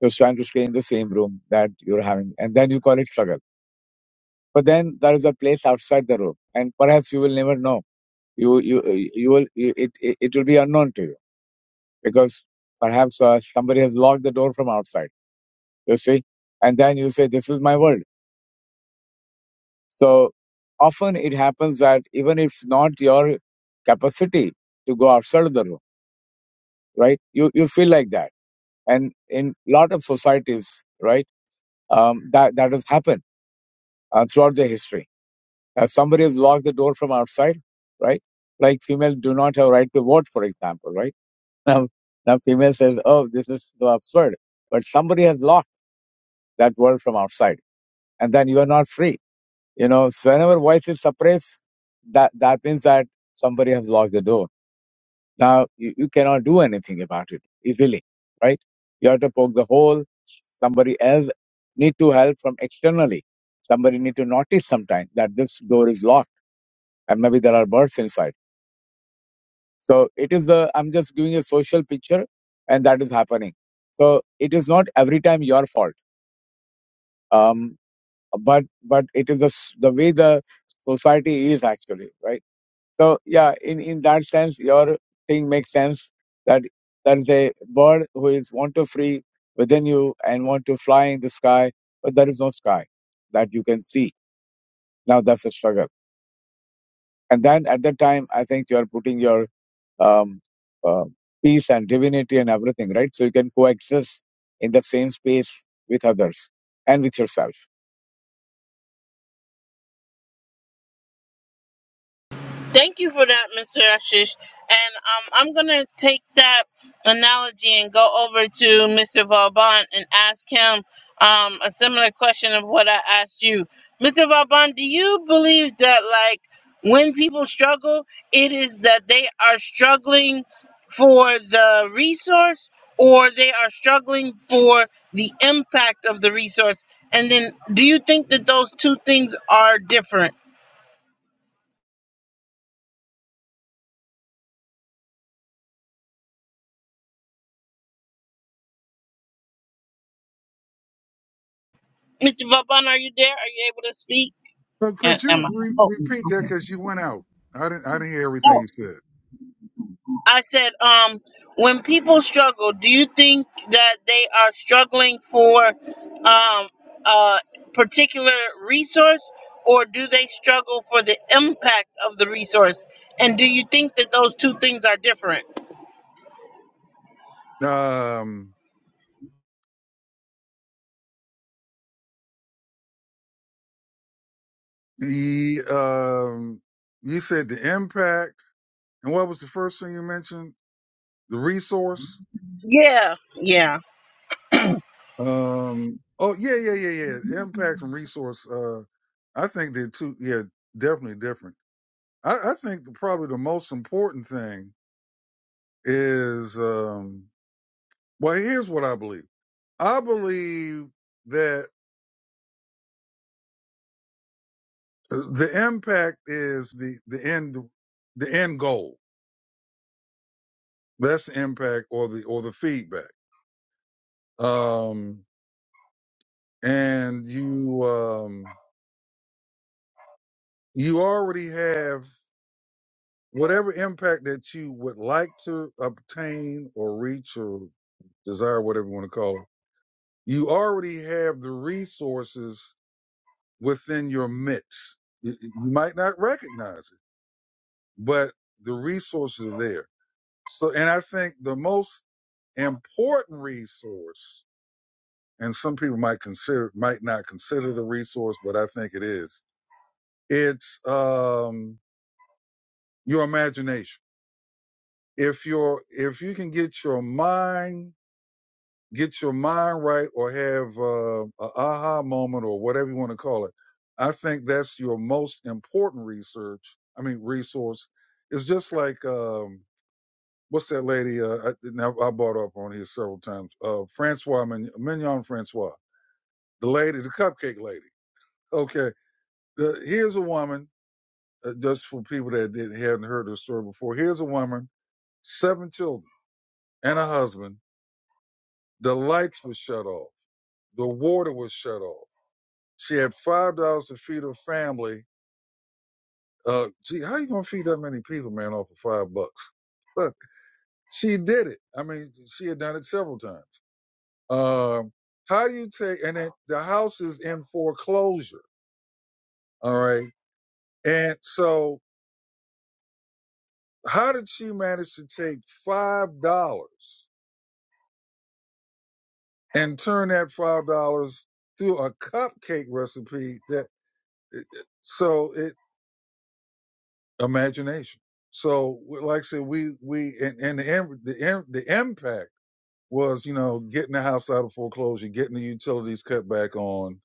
S5: you're trying to stay in the same room that you're having and then you call it struggle but then there is a place outside the room and perhaps you will never know you you you will you, it, it it will be unknown to you because perhaps uh, somebody has locked the door from outside you see and then you say this is my world so often it happens that even if it's not your capacity to go outside of the room right you you feel like that and in lot of societies right um, that that has happened uh, throughout the history Uh, somebody has locked the door from outside, right? Like females do not have right to vote, for example, right? Now, now female says, "Oh, this is so absurd," but somebody has locked that world from outside, and then you are not free. You know, so whenever voice is suppressed, that that means that somebody has locked the door. Now you, you cannot do anything about it easily, right? You have to poke the hole. Somebody else need to help from externally. Somebody need to notice sometime that this door is locked, and maybe there are birds inside So it is the, I'm just giving a social picture and that is happening. So it is not every time your fault. Um, but, but it is the, s- the way the society is actually, right? So yeah, in, in that sense, your thing makes sense that there is a bird who is want to free within you and want to fly in the sky, but there is no sky that you can see. Now that's a struggle And then at that time, I think you are putting your um, uh, peace and divinity and everything, right? So you can coexist in the same space with others and with yourself.
S1: Thank you for that, Mr. Ashish. And um, I'm going to take that analogy and go over to Mr. Vauban and ask him um, a similar question of what I asked you. Mr. Vauban, do you believe that, like, when people struggle, it is that they are struggling for the resource or they are struggling for the impact of the resource? And then do you think that those two things are different? Mr. Vaughn, are you there? Are you able to speak?
S2: But
S1: A-
S2: could you
S1: Am I?
S2: re-
S1: Oh,
S2: repeat that? Because you went out. I didn't. I didn't hear everything
S1: oh.
S2: you
S1: I said, um, when people struggle, do you think that they are struggling for um, a particular resource, or do they struggle for the impact of the resource? And do you think that those two things are different?
S2: said. Um, the um, you said the impact, and what was the first thing you mentioned? The resource.
S1: Yeah, yeah.
S2: Um. Oh yeah, yeah, yeah, yeah. Impact and resource. Uh, I think they're two. Yeah, definitely different. I, I think probably the most important thing is um. Well, here's what I believe. I believe that uh, the impact is the the end the end goal. That's the impact or the or the feedback. Um, and you um, you already have whatever impact that you would like to obtain or reach or desire, whatever you want to call it. You already have the resources within your midst. You, you might not recognize it, but the resources are there So, and I think the most important resource, and some people might consider, might not consider the resource, but I think it is. It's, um, your imagination. If you're, if you can get your mind, get your mind right or have, uh, a aha moment or whatever you want to call it. I think that's your most important research. I mean, resource. It's just like, um, what's that lady? Uh, I, now I brought up on here several times. Uh, Francois Mignon, Mignon Francois, the lady, the cupcake lady. Okay, the, here's a woman. Uh, just for people that didn't hadn't heard the story before, here's a woman, seven children and a husband. The lights were shut off. The water was shut off. She had five dollars to feed her family. Uh, gee, how you gonna feed that many people, man, off of five bucks? But she did it. I mean, she had done it several times. Um, how do you take, and it, the house is in foreclosure. All right. And so how did she manage to take $5 and turn that $5 through a cupcake recipe that, so it, imagination. So like I said, we, we, and, and the, im- the, im- the impact was, you know, getting the house out of foreclosure, getting the utilities cut back on.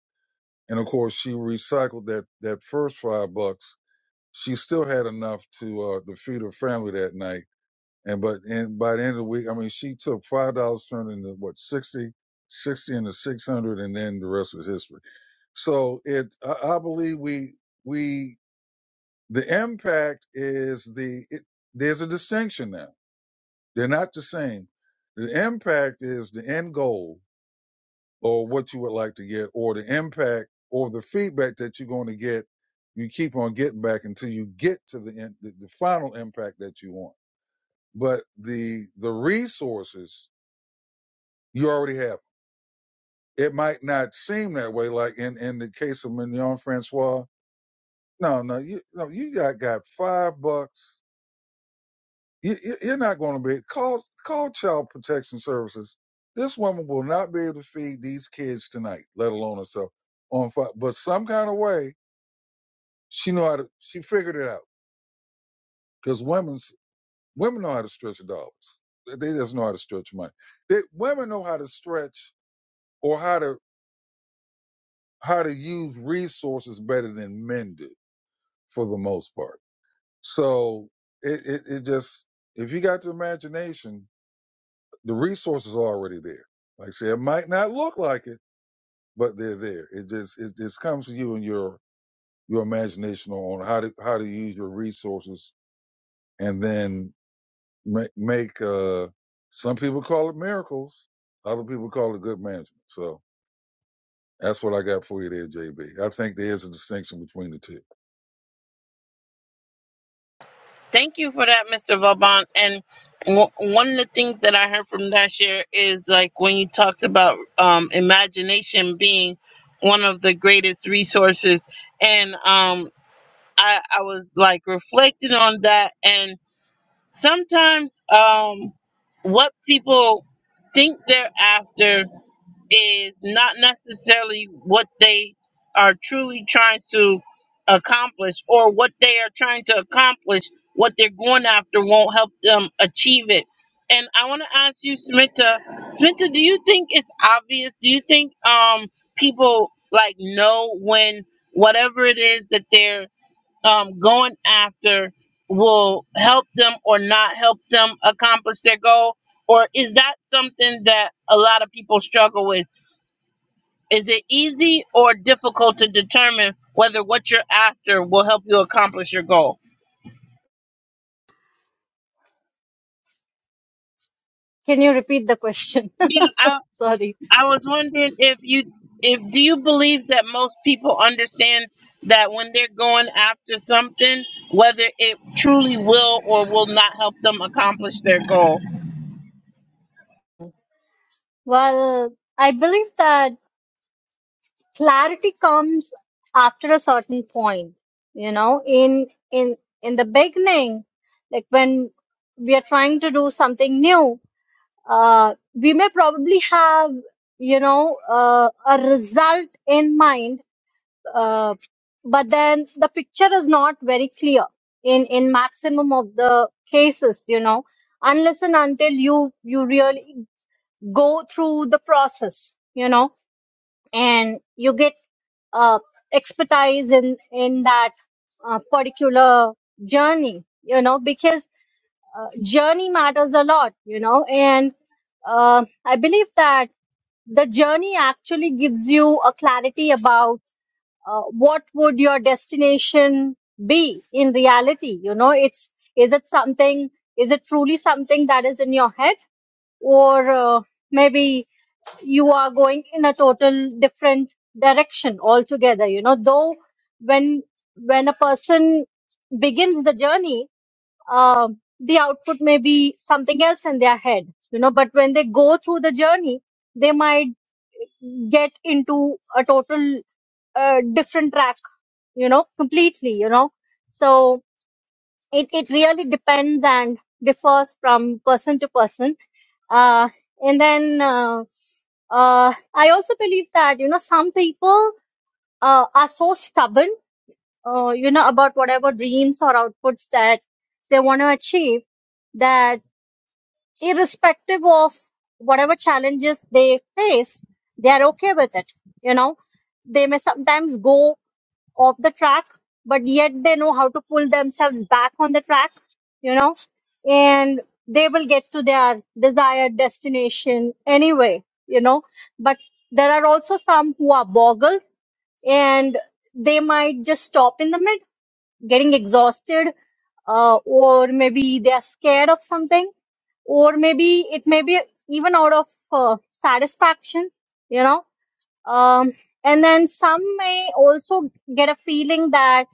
S2: And of course she recycled that, that first five bucks she still had enough to uh, to feed her family that night. And but and by the end of the week, I mean, she took five dollars, turned into what 60, 60 into six hundred, and then the rest is history. So it, I, I believe we we the impact is the it, there's a distinction now. They're not the same. The impact is the end goal or what you would like to get or the impact or the feedback that you're going to get you keep on getting back until you get to the end the, the final impact that you want but the the resources you already have them. it might not seem that way like in in the case of mignon francois no no you no you got got five bucks you, you- you're not going to be call call child protection services this woman will not be able to feed these kids tonight let alone herself on fire but some kind of way She know how to. She figured it out because women's women know how to stretch dollars. They just know how to stretch money. They, women know how to stretch or how to how to use resources better than men do for the most part. So it it, it just if you got the imagination, the resources are already there. Like I said, it might not look like it, but they're there. It just it just comes to you and your your imagination on how to how to use your resources and then make make uh some people call it miracles other people call it good management so that's what i got for you there jb i think there is a distinction between the two
S1: Thank you for that, Mr. Vauban. And w- one of the things that I heard from that year is like when you talked about um, imagination being one of the greatest resources, and um, I, I was like reflecting on that. And sometimes um, what people think they're after is not necessarily what they are truly trying to accomplish or what they are trying to accomplish what they're going after won't help them achieve it and i want to ask you smita smita do you think it's obvious do you think um people like know when whatever it is that they're um going after will help them or not help them accomplish their goal or is that something that a lot of people struggle with is it easy or difficult to determine whether what you're after will help you accomplish your goal?
S4: Can you repeat the question?
S1: Yeah, I,
S4: Sorry.
S1: I was wondering if you if do you believe that most people understand that when they're going after something, whether it truly will or will not help them accomplish their goal?
S4: Well, I believe that clarity comes after a certain point. You know, in in in the beginning, like when we are trying to do something new, uh, we may probably have you know uh, a result in mind uh, but then the picture is not very clear in in maximum of the cases you know unless and until you you really go through the process you know and you get uh, expertise in in that uh, particular journey you know because journey matters a lot you know and uh, i believe that the journey actually gives you a clarity about uh, what would your destination be in reality you know it's is it something is it truly something that is in your head or uh, maybe you are going in a total different direction altogether you know though when when a person begins the journey um the output may be something else in their head you know but when they go through the journey they might get into a total uh, different you know, completely, you know. So it, it really depends and differs from person to person. Uh, and then uh, uh, I also believe that, you know, some people uh, are so stubborn, uh, you know, about whatever dreams or outputs that they want to achieve that irrespective of whatever challenges they face, they are okay with it, you know. They may sometimes go off the track, but yet they know how to pull themselves back on the track, you know, and they will get to their desired destination anyway, you know. But there are also some who are boggled and they might just stop in the mid, getting exhausted, uh, or maybe they are scared of something, or maybe it may be even out of uh, satisfaction, you know um, and then some may also get a feeling that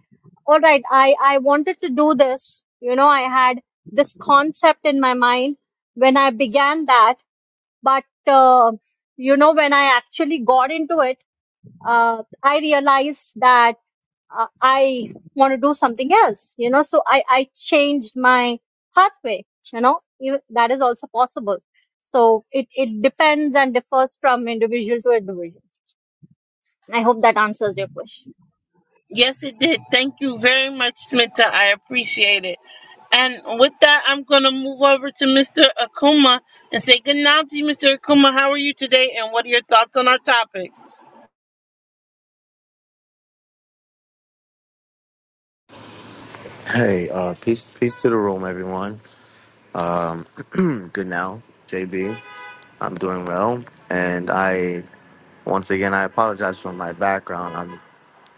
S4: all right i i wanted to do this you know i had this concept in my mind when i began that but uh, you know when i actually got into it uh, i realized that uh, i want to do something else you know so i i changed my pathway you know even- that is also possible so it it depends and differs from individual to individual I hope that answers your question.
S1: Yes, it did. Thank you very much, Smita. I appreciate it. And with that, I'm going to move over to Mr. Akuma and say good night to you, Mr. Akuma. How are you today? And what are your thoughts on our topic?
S6: Hey, uh, peace, peace to the room, everyone. Um, good now, JB. I'm doing well, and I once again I apologize for my background. I'm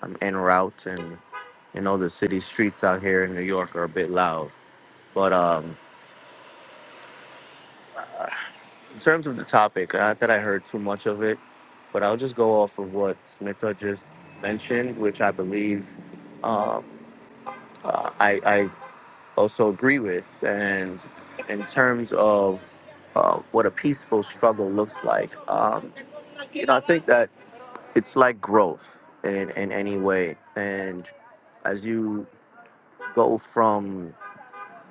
S6: I'm en route, and you know the city streets out here in New York are a bit loud. But um, in terms of the topic, not that I heard too much of it, but I'll just go off of what Smitha just mentioned, which I believe um, uh, I, I also agree with. And in terms of uh, what a peaceful struggle looks like, um, you know, I think that it's like growth in, in any way. And as you go from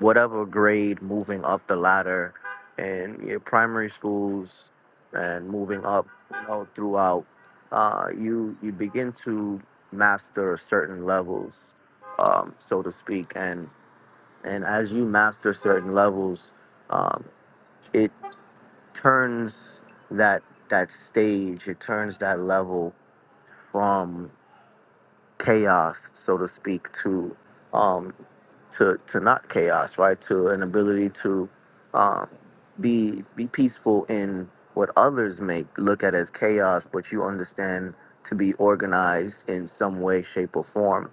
S6: whatever grade moving up the ladder in your primary schools and moving up you know, throughout, uh, you, you begin to master certain levels, um, so to speak. And and as you master certain levels um, it turns that that stage it turns that level from chaos so to speak to um, to to not chaos right to an ability to um, be be peaceful in what others may look at as chaos but you understand to be organized in some way shape or form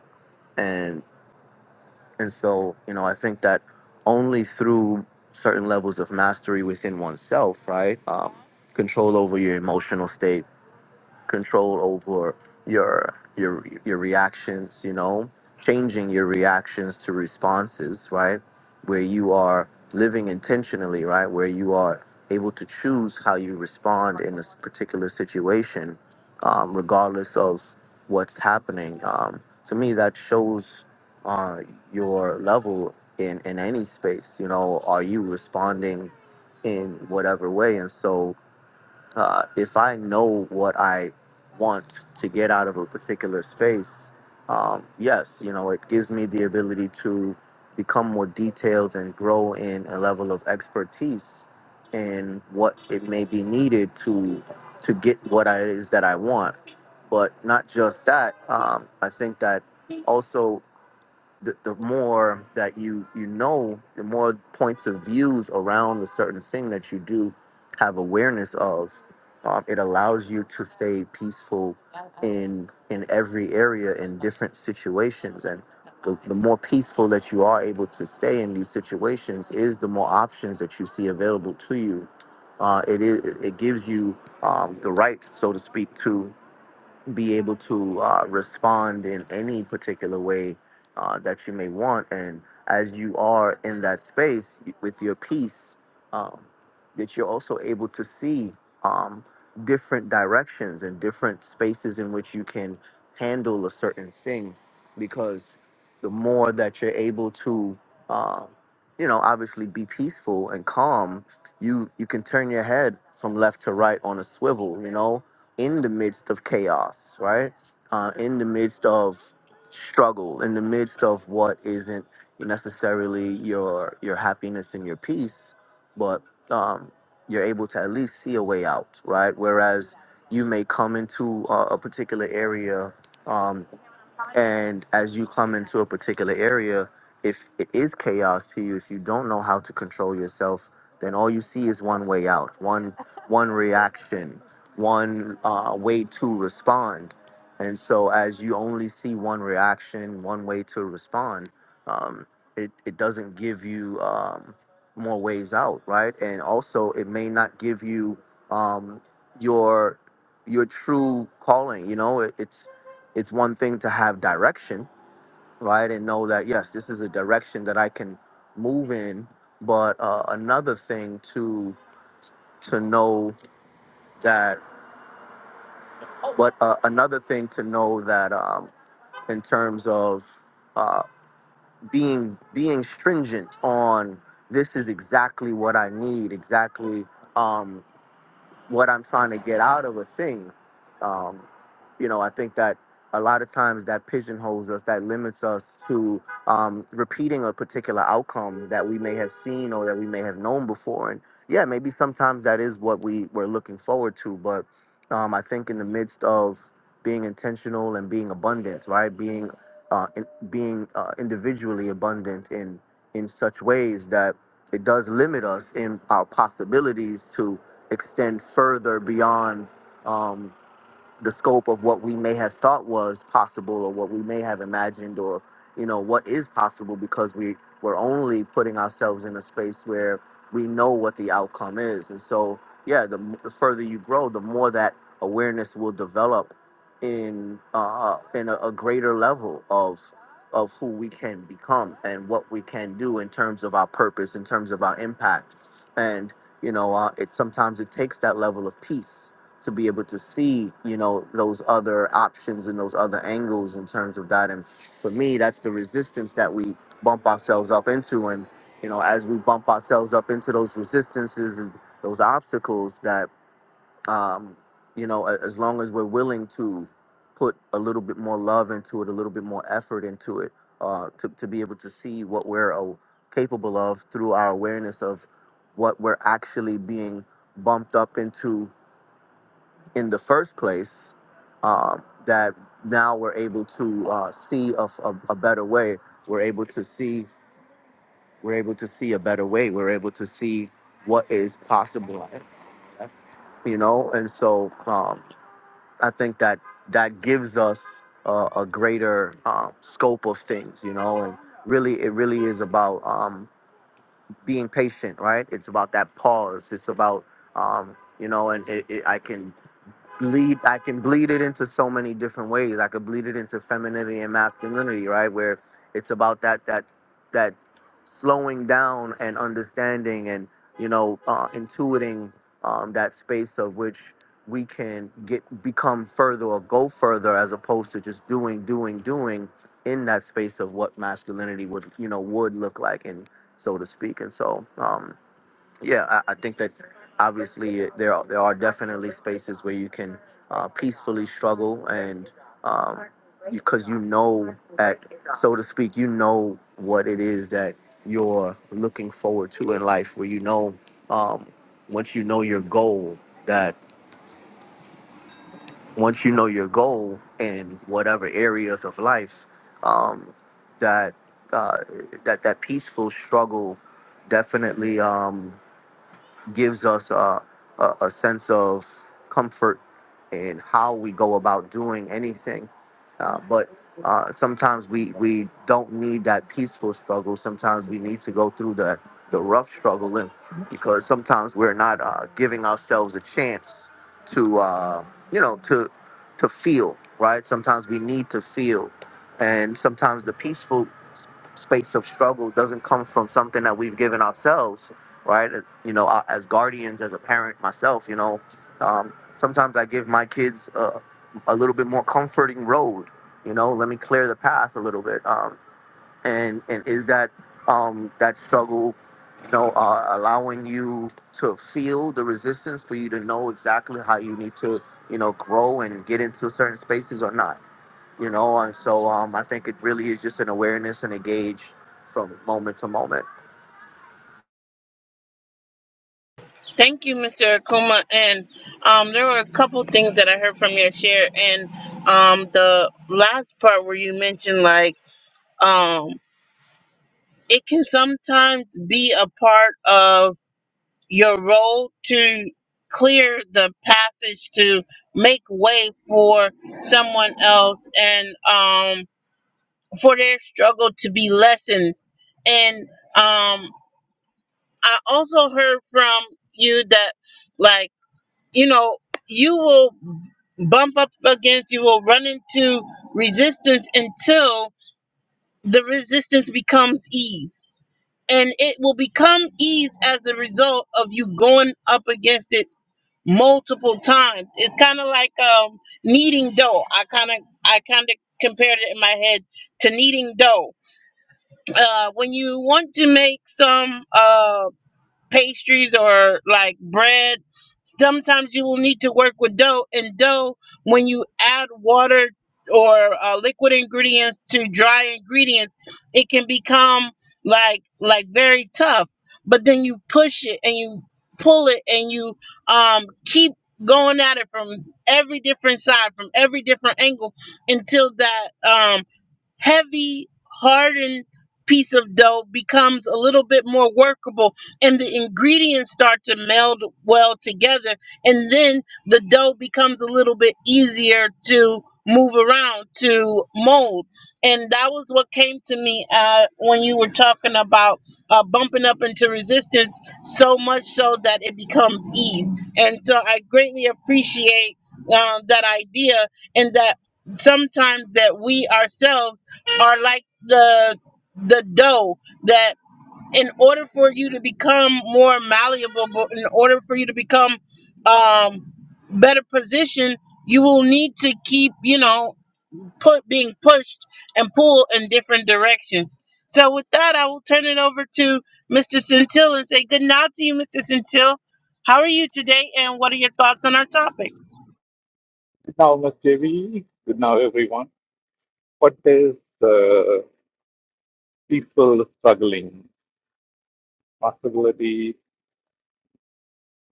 S6: And so, you know, I think that only through certain levels of mastery within oneself, right? Um, control over your emotional state, control over your your your reactions you know changing your reactions to responses right where you are living intentionally right where you are able to choose how you respond in this particular situation um, regardless of what's happening um, to me that shows uh, your level in in any space you know are you responding in whatever way and so uh, if I know what I want to get out of a particular space, um, yes, you know, it gives me the ability to become more detailed and grow in a level of expertise in what it may be needed to to get what I- it is that I want. But not just that, um, I think that also the, the more that you you know the more points of views around a certain thing that you do have awareness of um, it allows you to stay peaceful in in every area in different situations and the, the more peaceful that you are able to stay in these situations is the more options that you see available to you uh, it is it gives you um, the right so to speak to. be able to uh, respond in any particular way uh, that you may want. And as you are in that space with your peace, um, that you're also able to see um, different directions and different spaces in which you can handle a certain thing. Because the more that you're able to, uh, you know, obviously be peaceful and calm, you you can turn your head from left to right on a swivel, you know, in the midst of chaos, right? Uh, in the midst of struggle, in the midst of what isn't necessarily your your happiness and your peace, but um, you're able to at least see a way out, right? Whereas you may come into a, a particular area. Um, and as you come into a particular area, if it is chaos to you, if you don't know how to control yourself, then all you see is one way out, one one reaction, one uh, way to respond. And so, as you only see one reaction, one way to respond, um, it it doesn't give you um, more ways out, right? And also, it may not give you um, your your true calling. You know, It- it's it's one thing to have direction, right? And know that, yes, this is a direction that I can move in, but uh, another thing to to know that, but uh, another thing to know that um, in terms of uh, being being stringent on this is exactly what I need, exactly. Um, what I'm trying to get out of a thing. Um, you know, I think that a lot of times that pigeonholes us, that limits us to um, repeating a particular outcome that we may have seen or that we may have known before. And yeah, maybe sometimes that is what we were looking forward to. But um, I think in the midst of being intentional and being abundant, right? Being uh, in, being uh, individually abundant in in such ways that it does limit us in our possibilities to extend further beyond um, the scope of what we may have thought was possible or what we may have imagined or you know what is possible because we we're only putting ourselves in a space where we know what the outcome is and so yeah the, m- the further you grow the more that awareness will develop in uh in a, a greater level of of who we can become and what we can do in terms of our purpose in terms of our impact and you know uh, it sometimes it takes that level of peace to be able to see, you know, those other options and those other angles in terms of that. And for me, that's the resistance that we bump ourselves up into. And, you know, as we bump ourselves up into those resistances, and those obstacles that, um, you know, a- as long as we're willing to put a little bit more love into it, a little bit more effort into it, uh, to, to be able to see what we're uh, capable of through our awareness of what we're actually being bumped up into in the first place uh, that now we're able to uh, see a, a, a better way we're able to see we're able to see a better way we're able to see what is possible you know and so um, i think that that gives us uh, a greater uh, scope of things you know and really it really is about um, being patient right it's about that pause it's about um, you know and it, it, i can Bleed. I can bleed it into so many different ways. I could bleed it into femininity and masculinity, right? Where it's about that that that slowing down and understanding and you know uh, intuiting um, that space of which we can get become further or go further as opposed to just doing doing doing in that space of what masculinity would you know would look like and so to speak and so um, yeah, I, I think that obviously there are, there are definitely spaces where you can uh, peacefully struggle and um, because you know at so to speak, you know what it is that you're looking forward to in life, where you know um, once you know your goal that once you know your goal in whatever areas of life um, that uh, that that peaceful struggle definitely. Um, gives us a, a, a sense of comfort in how we go about doing anything. Uh, but uh, sometimes we, we don't need that peaceful struggle. Sometimes we need to go through the, the rough struggle and, because sometimes we're not uh, giving ourselves a chance to, uh, you know, to, to feel, right? Sometimes we need to feel. And sometimes the peaceful s- space of struggle doesn't come from something that we've given ourselves right? You know, I- as guardians, as a parent myself, you know, um, sometimes I give my kids a, a little bit more comforting road. You know, let me clear the path a little bit. Um, and and is that um, that struggle, you know, uh, allowing you to feel the resistance for you to know exactly how you need to, you know, grow and get into certain spaces or not? You know, and so um, I think it really is just an awareness and a gauge from moment to moment.
S1: Thank you, Mr. Akuma. And um, there were a couple things that I heard from your share. And um, the last part where you mentioned, like, um, it can sometimes be a part of your role to clear the passage to make way for someone else and um, for their struggle to be lessened. And um, I also heard from you that, like, you know, you will bump up against, you will run into resistance until the resistance becomes ease. And it will become ease as a result of you going up against it multiple times. It's kind of like um kneading dough. I kind of I kind of compared it in my head to kneading dough. Uh, when you want to make some uh pastries or like bread Sometimes you will need to work with dough, and dough, when you add water or uh, liquid ingredients to dry ingredients, it can become like like very tough. But then you push it and you pull it and you um, keep going at it from every different side, from every different angle, until that um, heavy hardened piece of dough becomes a little bit more workable and the ingredients start to meld well together and then the dough becomes a little bit easier to move around to mold and that was what came to me uh, when you were talking about uh, bumping up into resistance so much so that it becomes ease and so i greatly appreciate um, that idea and that sometimes that we ourselves are like the the dough that in order for you to become more malleable but in order for you to become um better positioned you will need to keep you know put being pushed and pulled in different directions so with that i will turn it over to mr centil and say good night to you mr centil how are you today and what are your thoughts on our topic
S7: Good now, Ms. JV. Good now, everyone. What is uh, people struggling possibility?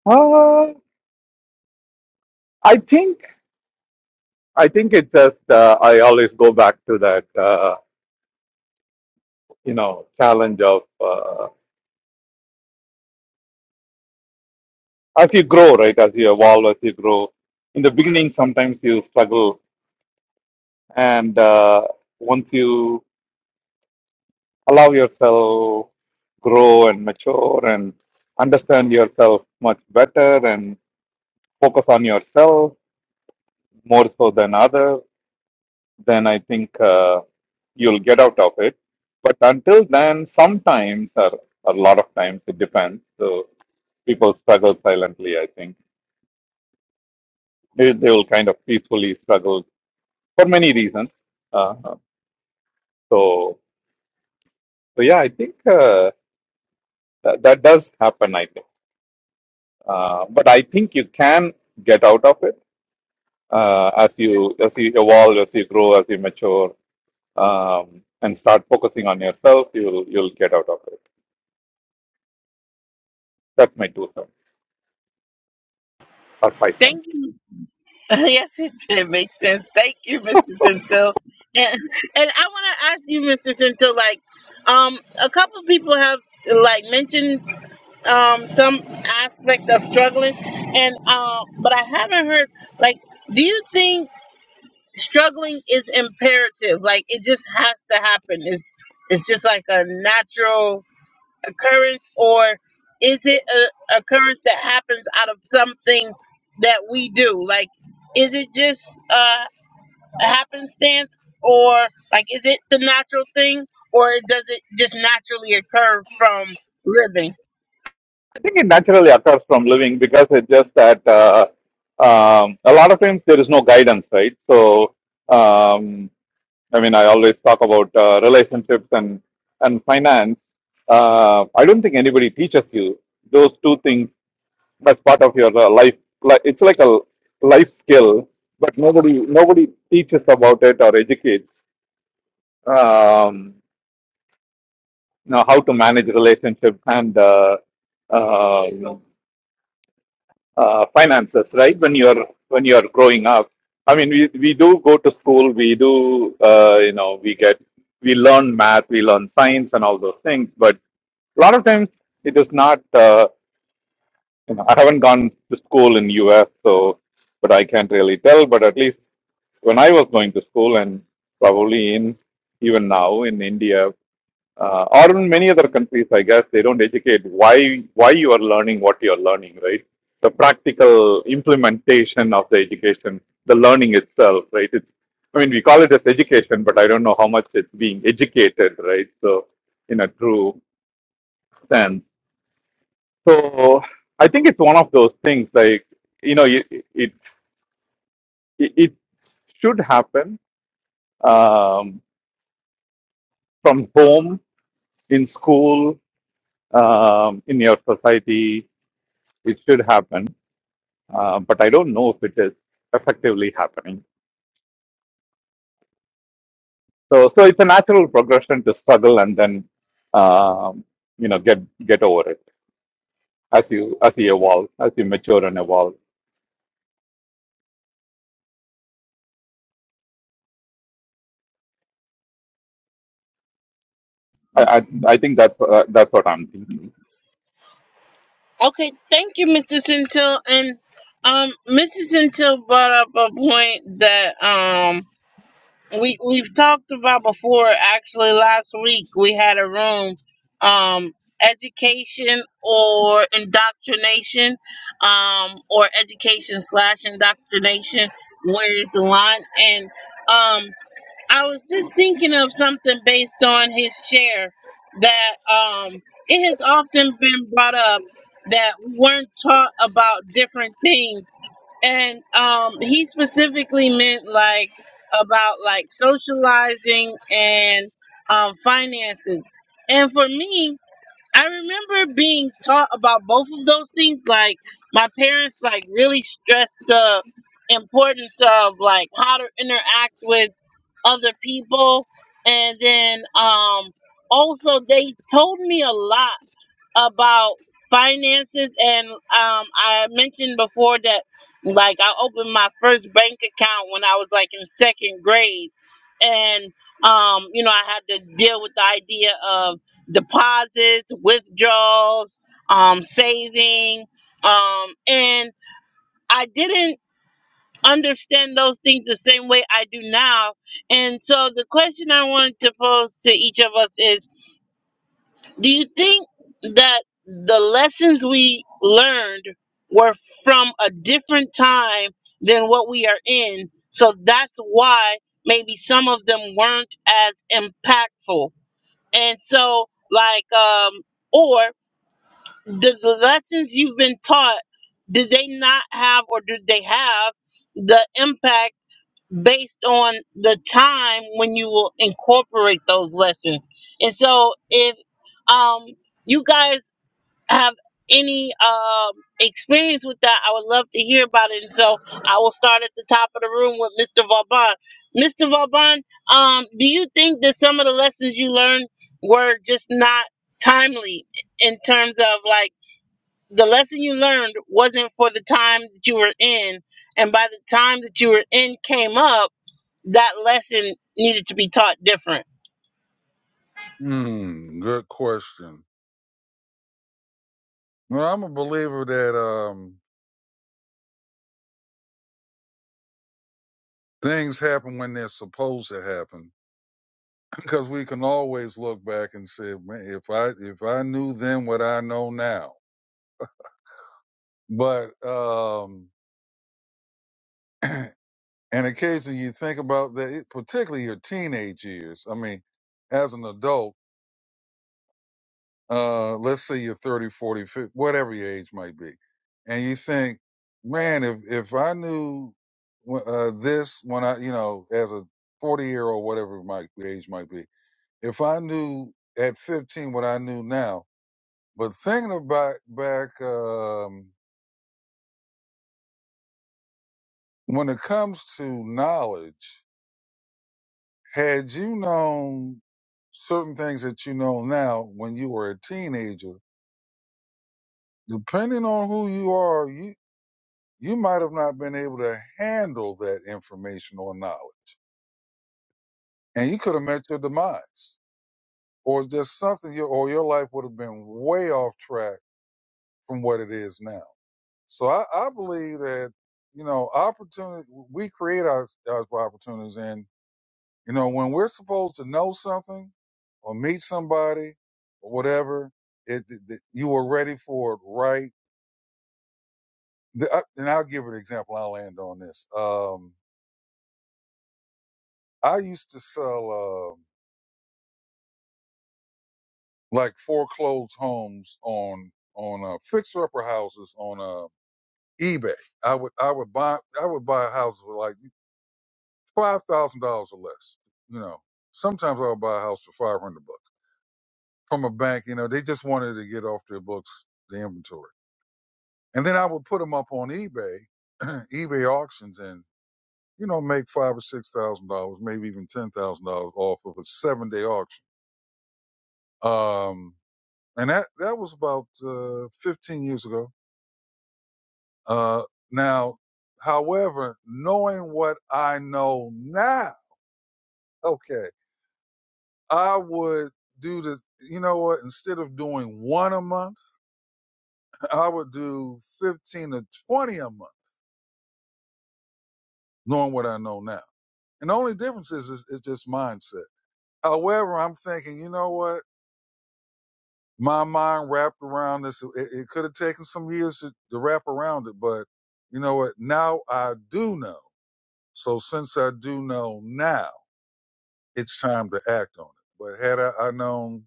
S7: Uh, I think I think it just uh, I always go back to that uh, you know challenge of uh, as you grow, right? As you evolve, as you grow. In the beginning, sometimes you struggle, and uh, once you allow yourself grow and mature and understand yourself much better and focus on yourself more so than other, then I think uh, you'll get out of it. But until then, sometimes or a lot of times it depends. So people struggle silently. I think they, they will kind of peacefully struggle for many reasons. Uh, so so yeah, I think uh, that, that does happen. I think, uh, but I think you can get out of it uh, as you as you evolve, as you grow, as you mature, um, and start focusing on yourself. You'll you'll get out of it. That's my two cents or five cents.
S1: thank you yes, it did make sense. Thank you, Mr. Centil. And, and I want to ask you, Mr. Centil, like, um, a couple people have like mentioned um some aspect of struggling, and um, but I haven't heard like, do you think struggling is imperative? Like, it just has to happen. It's it's just like a natural occurrence or is it a occurrence that happens out of something that we do like is it just uh, a happenstance or like is it the natural thing or does it just naturally occur from living
S7: I think it naturally occurs from living because it's just that uh, um, a lot of times there is no guidance, right? So, um, I mean, I always talk about uh, relationships and and finance. Uh, I don't think anybody teaches you those two things as part of your uh, life. Like it's like a life skill, but nobody nobody teaches about it or educates um, you know, how to manage relationships and uh, uh, uh, finances, right? When you're when you're growing up, I mean, we we do go to school, we do uh, you know we get we learn math, we learn science, and all those things. But a lot of times it is not. Uh, you know, I haven't gone to school in U.S., so but I can't really tell. But at least when I was going to school, and probably in even now in India, uh, or in many other countries, I guess they don't educate why why you are learning what you are learning, right? The practical implementation of the education, the learning itself, right? It's I mean we call it as education, but I don't know how much it's being educated, right? So in a true sense, so I think it's one of those things like you know it it, it should happen um, from home in school um, in your society. It should happen uh, but I don't know if it is effectively happening. So, so it's a natural progression to struggle and then, um, you know, get get over it as you as you evolve, as you mature and evolve. I I, I think that's uh, that's what I'm thinking.
S1: okay thank you mr centil and um mrs centil brought up a point that um we we've talked about before actually last week we had a room um education or indoctrination um or education slash indoctrination where is the line and um I was just thinking of something based on his share that um, it has often been brought up that we weren't taught about different things. And um, he specifically meant like about like socializing and um, finances. And for me, I remember being taught about both of those things. Like my parents, like really stressed the importance of like how to interact with other people, and then um also they told me a lot about finances and um I mentioned before that like I opened my first bank account when I was like in second grade and um you know I had to deal with the idea of deposits, withdrawals, um saving um and I didn't understand those things the same way I do now. And so the question I wanted to pose to each of us is do you think that the lessons we learned were from a different time than what we are in? So that's why maybe some of them weren't as impactful. And so, like, um, or the, the lessons you've been taught, did they not have or did they have the impact? based on the time when you will incorporate those lessons. And so if um you guys have any um experience with that, I would love to hear about it. And so I will start at the top of the room with Mr. Vauban. Mr. Vauban, um, do you think that some of the lessons you learned were just not timely in terms of like the lesson you learned wasn't for the time that you were in and by the time that you were in came up that lesson needed to be taught different.
S2: mm, good question well i'm a believer that um things happen when they're supposed to happen because we can always look back and say "Man, if i if i knew then what i know now but um and occasionally you think about that it, particularly your teenage years i mean as an adult uh, let's say you're 30, forty, fifty, whatever your age might be, and you think, man, if if I knew uh, this when I, you know, as a 40 year old, whatever my age might be, if I knew at 15 what I knew now, but thinking about back, um, when it comes to knowledge, had you known certain things that you know now when you were a teenager, depending on who you are, you. you might have not been able to handle that information or knowledge. And you could have met your demise. Or just something your or your life would have been way off track from what it is now. So I, I believe that, you know, opportunity we create our our opportunities and you know, when we're supposed to know something or meet somebody or whatever, it, it, you were ready for it right. The, I- and I'll give an example. I'll land on this. Um, I used to sell. Uh, like foreclosed homes on on uh, fixer upper houses on uh, eBay. I would I would buy I would buy a house for like five thousand dollars or less. You know, sometimes I would buy a house for five hundred bucks from a bank. You know, they just wanted to get off their books the inventory, and then I would put them up on eBay, eBay auctions, and you know make five or six thousand dollars, maybe even ten thousand dollars off of a seven day auction. Um, and that that was about uh, fifteen years ago Uh, now, however, knowing what I know now, okay, I would do this. You know what? Instead of doing one a month, I would do 15 to 20 a month, knowing what I know now. And the only difference is, is, is just mindset. However, I'm thinking, you know what? My mind wrapped around this. It, it could have taken some years to, to wrap around it, but you know what? Now I do know. So since I do know now, it's time to act on it. But had I, I known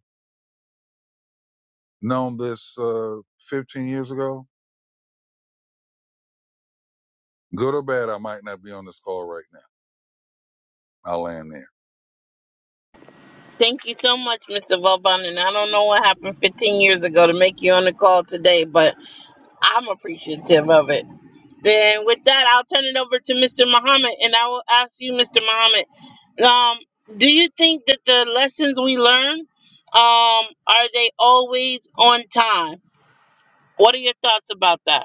S2: known this uh, 15 years ago, good or bad, I might not be on this call right now. I'll land there.
S1: Thank you so much, Mr. Vauban. And I don't know what happened 15 years ago to make you on the call today, but I'm appreciative of it. Then with that, I'll turn it over to Mr. Muhammad, and I will ask you, Mr. Muhammad, um, do you think that the lessons we learn um, are they always on time? What are your thoughts about that?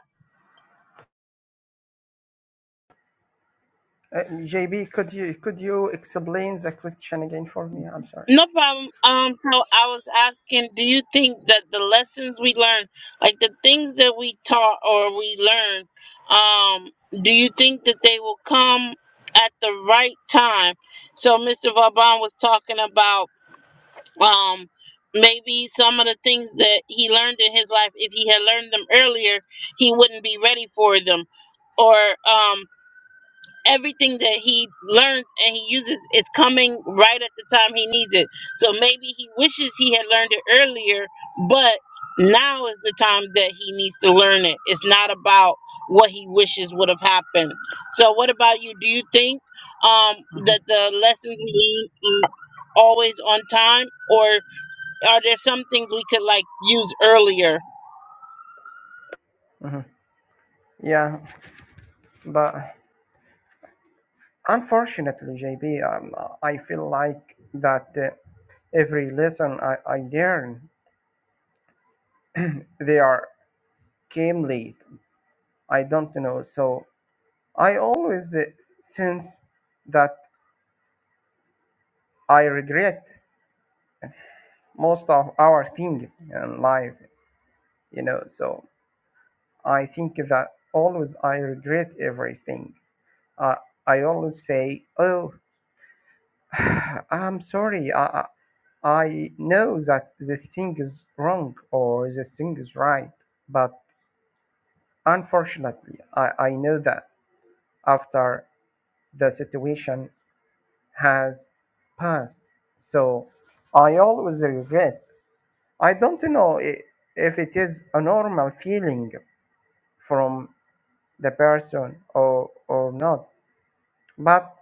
S3: Uh, JB, could you could you explain the question again for me? I'm sorry.
S1: No problem. Um, so I was asking, do you think that the lessons we learn, like the things that we taught or we learn, um, do you think that they will come at the right time? So Mr. Vauban was talking about um maybe some of the things that he learned in his life, if he had learned them earlier, he wouldn't be ready for them. Or um everything that he learns and he uses is coming right at the time he needs it. So maybe he wishes he had learned it earlier, but now is the time that he needs to learn it. It's not about what he wishes would have happened. So what about you? Do you think um that the lessons we learn are always on time or are there some things we could like use earlier?
S3: Mhm. Yeah, but Unfortunately, JB, um, uh, I feel like that uh, every lesson I, I learn, they are came late. I don't know. So I always uh, sense that I regret most of our thing in life, you know. So I think that always I regret everything. Uh, I always say, oh, I'm sorry. I, I I know that the thing is wrong or the thing is right, but unfortunately, I, I know that after the situation has passed. So I always regret. I don't know i- if it is a normal feeling from the person or, or not, but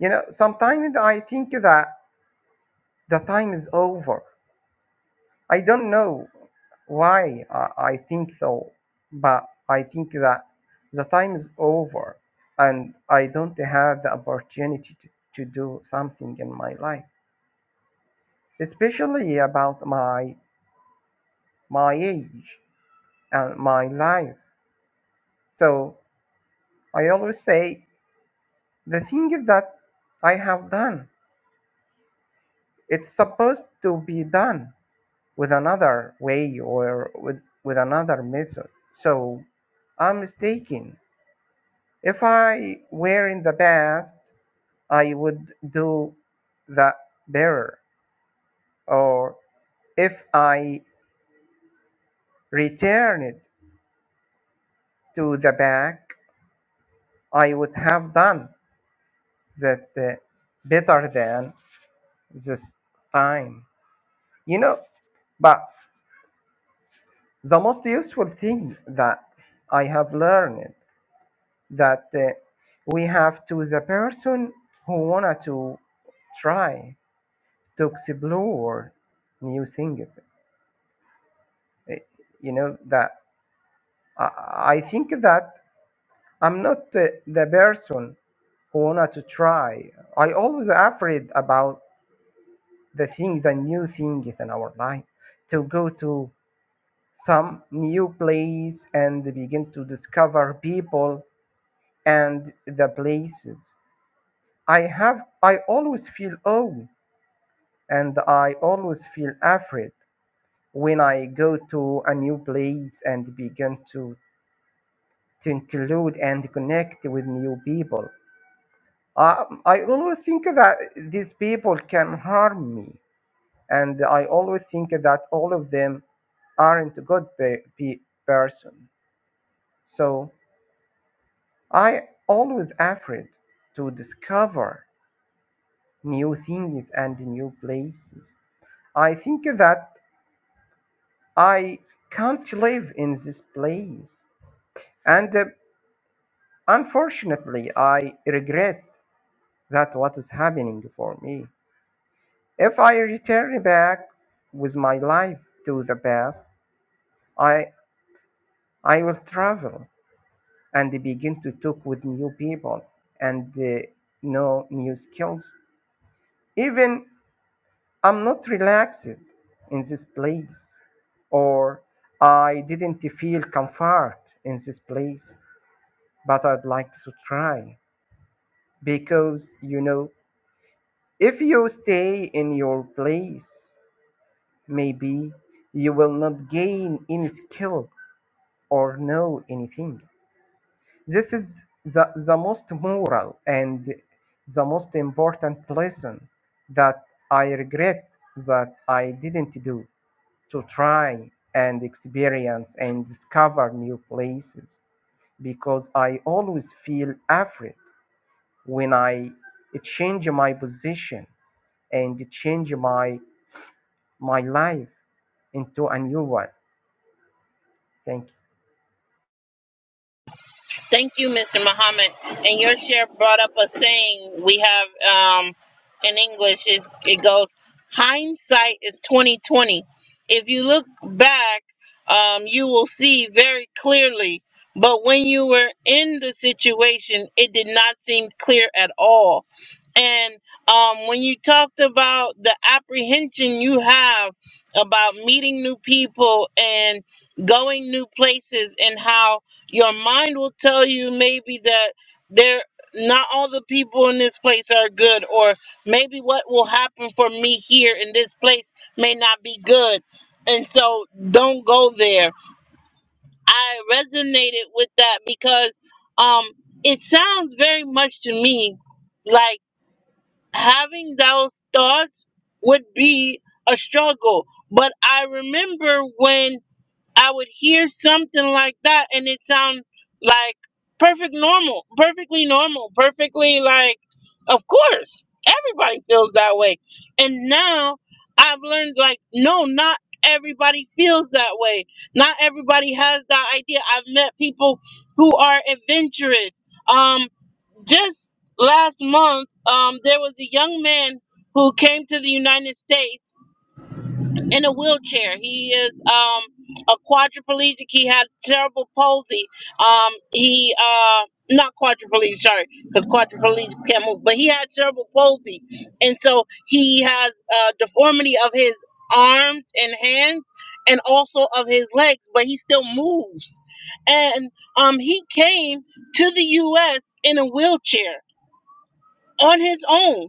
S3: you know, sometimes I think that the time is over I don't know why I, I think so, but I think that the time is over and I don't have the opportunity to, to do something in my life, especially about my my age and my life. So I always say the thing that I have done, it's supposed to be done with another way or with, with another method. So I'm mistaken If I were in the past, I would do the bearer. Or if I returned to the back, I would have done that uh, better than this time. You know, but the most useful thing that I have learned that uh, we have to the person who wanted to try to explore new things Uh, You know that I, I think that I'm not uh, the person who wanted to try. I always afraid about the thing, the new things in our life, to go to some new place and begin to discover people and the places. I have I always feel old and I always feel afraid when I go to a new place and begin to to include and connect with new people. Uh, I always think that these people can harm me, and I always think that all of them aren't a good pe- pe- person. So I always afraid to discover new things and new places. I think that I can't live in this place, and uh, unfortunately, I regret that what is happening for me. If I return back with my life to the past, I, I will travel and begin to talk with new people and uh, know new skills. Even I'm not relaxed in this place, or I didn't feel comfort in this place, but I'd like to try because you know, if you stay in your place, maybe you will not gain any skill or know anything. This is the, the most moral and the most important lesson that I regret that I didn't do to try and experience and discover new places because I always feel afraid when I change my position and change my my life into a new one. Thank
S1: Thank you, Mr. Muhammad. And your share brought up a saying we have um, in English. Is it goes, hindsight is twenty twenty. If you look back, um, you will see very clearly. But when you were in the situation, it did not seem clear at all. And um, when you talked about the apprehension you have about meeting new people and going new places, and how your mind will tell you maybe that there not all the people in this place are good, or maybe what will happen for me here in this place may not be good, and so don't go there. I resonated with that because um, it sounds very much to me like having those thoughts would be a struggle. But I remember when I would hear something like that and it sound like perfect normal, perfectly normal, perfectly like of course. Everybody feels that way. And now I've learned like no, not everybody feels that way. Not everybody has that idea. I've met people who are adventurous. Um just last month, um, there was a young man who came to the United States in a wheelchair. He is um, a quadriplegic. He had cerebral palsy. Um, he uh, not quadriplegic, sorry, because quadriplegic can't move, but he had cerebral palsy, and so he has a deformity of his arms and hands, and also of his legs. But he still moves, and um, he came to the U.S. in a wheelchair on his own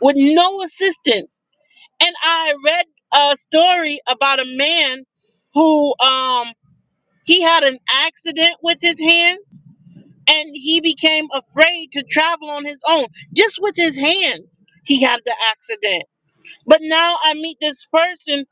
S1: with no assistance. And I read a story about a man who um he had an accident with his hands and he became afraid to travel on his own just with his hands. He had the accident. But now I meet this person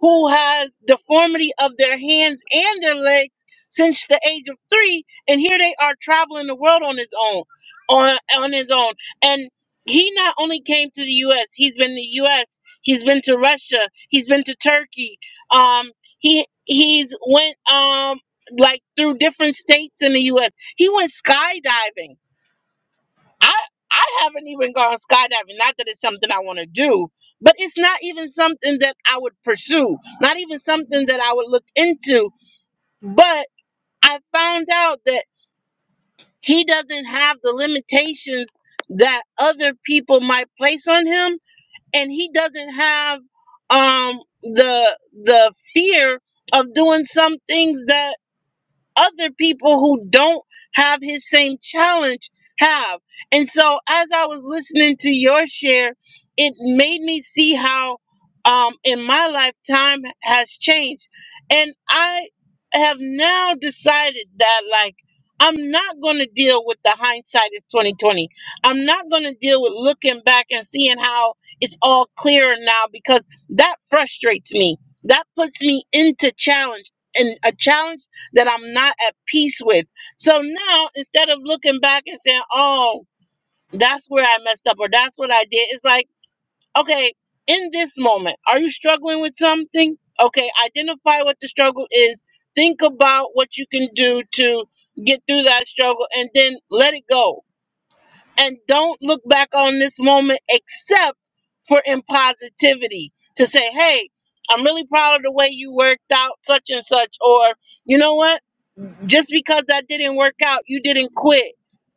S1: who has deformity of their hands and their legs since the age of three, and here they are traveling the world on his own, on on his own. And he not only came to the U.S., he's been to the U.S., he's been to Russia, he's been to Turkey. Um, he he's went um like through different states in the U.S. He went skydiving I I haven't even gone skydiving. Not that it's something I want to do, but it's not even something that I would pursue. Not even something that I would look into. But I found out that he doesn't have the limitations that other people might place on him, and he doesn't have um the the fear of doing some things that other people who don't have his same challenge have. And so as I was listening to your share, it made me see how um in my lifetime has changed. And I have now decided that like I'm not going to deal with the hindsight is 2020. I'm not going to deal with looking back and seeing how it's all clearer now because that frustrates me. That puts me into challenge and a challenge that I'm not at peace with. So now instead of looking back and saying, oh, that's where I messed up or that's what I did, it's like, okay, in this moment, are you struggling with something? Okay, identify what the struggle is. Think about what you can do to get through that struggle and then let it go. And don't look back on this moment except for in positivity to say, hey, I'm really proud of the way you worked out such and such, or you know what? Just because that didn't work out, you didn't quit.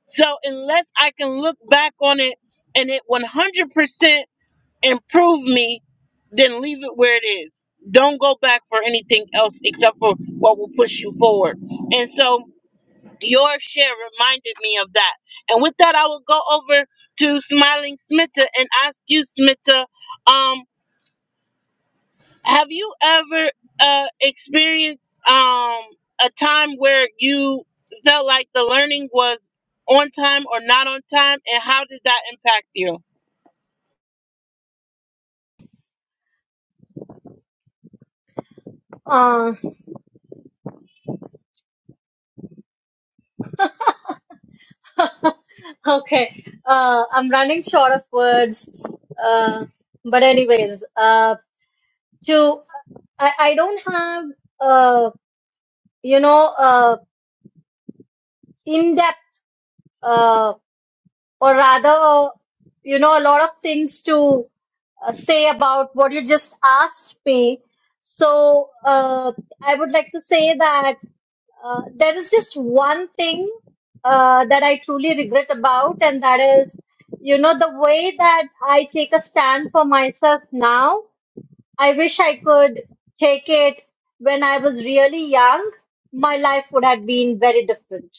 S1: So unless I can look back on it and it 100% improved me, then leave it where it is. Don't go back for anything else except for what will push you forward. And so your share reminded me of that. And with that, I will go over to Smiling Smitta and ask you, Smitta. um, have you ever uh, experienced um, a time where you felt like the learning was on time or not on time, and how did that impact you?
S4: Uh, okay. Uh, I'm running short of words. Uh, but anyways, uh, to I, I don't have uh, you know uh, in depth uh, or rather you know a lot of things to uh, say about what you just asked me. So uh, I would like to say that. Uh, there is just one thing uh, that I truly regret about, and that is, you know, the way that I take a stand for myself now. I wish I could take it when I was really young. My life would have been very different,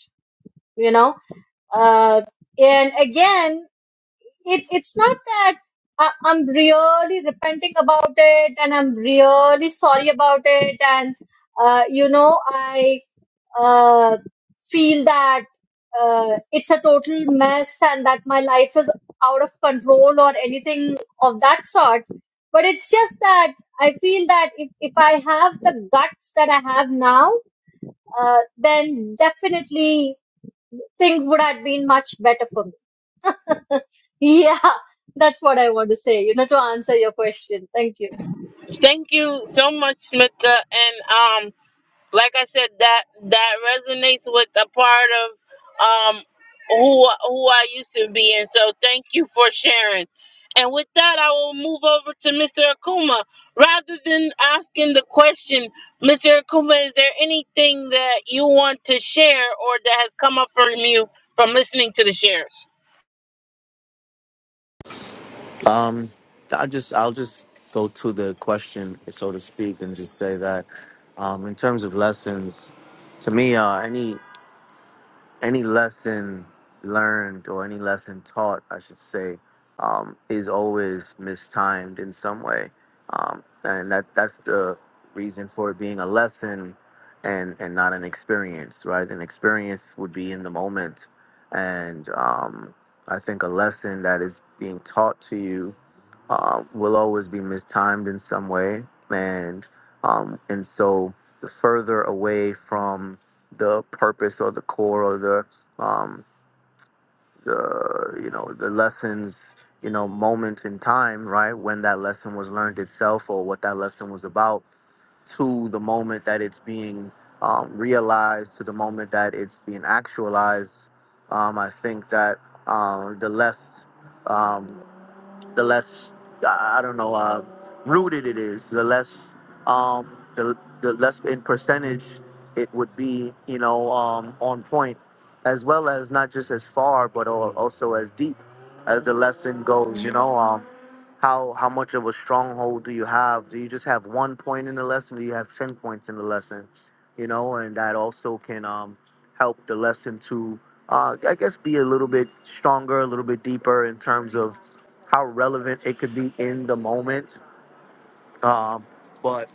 S4: you know. Uh, and again, it it's not that I, I'm really repenting about it and I'm really sorry about it and uh, you know I uh, feel that uh, it's a total mess and that my life is out of control or anything of that sort. But it's just that I feel that if, if I have the guts that I have now, uh, then definitely things would have been much better for me. Yeah, that's what I want to say, you know, to answer your question. Thank you.
S1: Thank you so much, Smita, and um, like I said, that that resonates with a part of um who who I used to be, and so thank you for sharing. And with that, I will move over to Mr. Akuma. Rather than asking the question, Mr. Akuma, is there anything that you want to share or that has come up from you from listening to the shares?
S6: Um, I just I'll just go to the question, so to speak, and just say that um, in terms of lessons, to me, uh, any any lesson learned or any lesson taught, I should say, um, is always mistimed in some way, um, and that that's the reason for it being a lesson and and not an experience, right? An experience would be in the moment, and um, I think a lesson that is being taught to you um, will always be mistimed in some way, and um, and so the further away from the purpose or the core or the um, the you know the lessons you know moment in time, right when that lesson was learned itself or what that lesson was about, to the moment that it's being um, realized, to the moment that it's being actualized, um, I think that um, the less um, the less I don't know uh, rooted it is, the less um, the the less in percentage it would be, you know, um, on point, as well as not just as far, but al- also as deep as the lesson goes. You know, um, how how much of a stronghold do you have? Do you just have one point in the lesson? Do you have ten points in the lesson? You know, and that also can um, help the lesson to, uh, I guess, be a little bit stronger, a little bit deeper in terms of how relevant it could be in the moment, um, but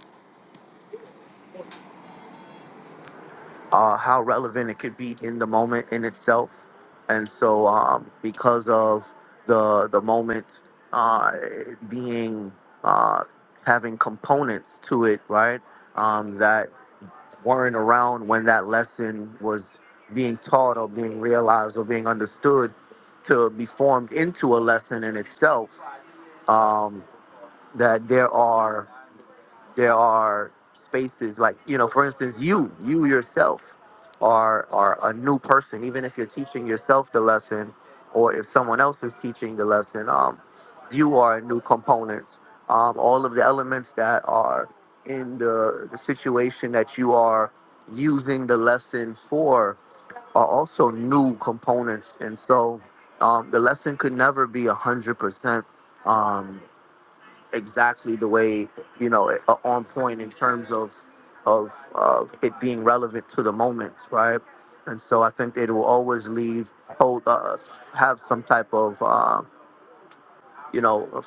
S6: uh, how relevant it could be in the moment in itself. And so, um, because of the the moment uh, being uh, having components to it, right? Um, that weren't around when that lesson was being taught or being realized or being understood to be formed into a lesson in itself um, that there are there are spaces like you know for instance you you yourself are are a new person even if you're teaching yourself the lesson or if someone else is teaching the lesson um you are a new component um all of the elements that are in the, the situation that you are using the lesson for are also new components and so um the lesson could never be a hundred percent um, exactly the way you know uh, on point in terms of of uh, it being relevant to the moment, right? And so I think it will always leave hold uh, have some type of uh, you know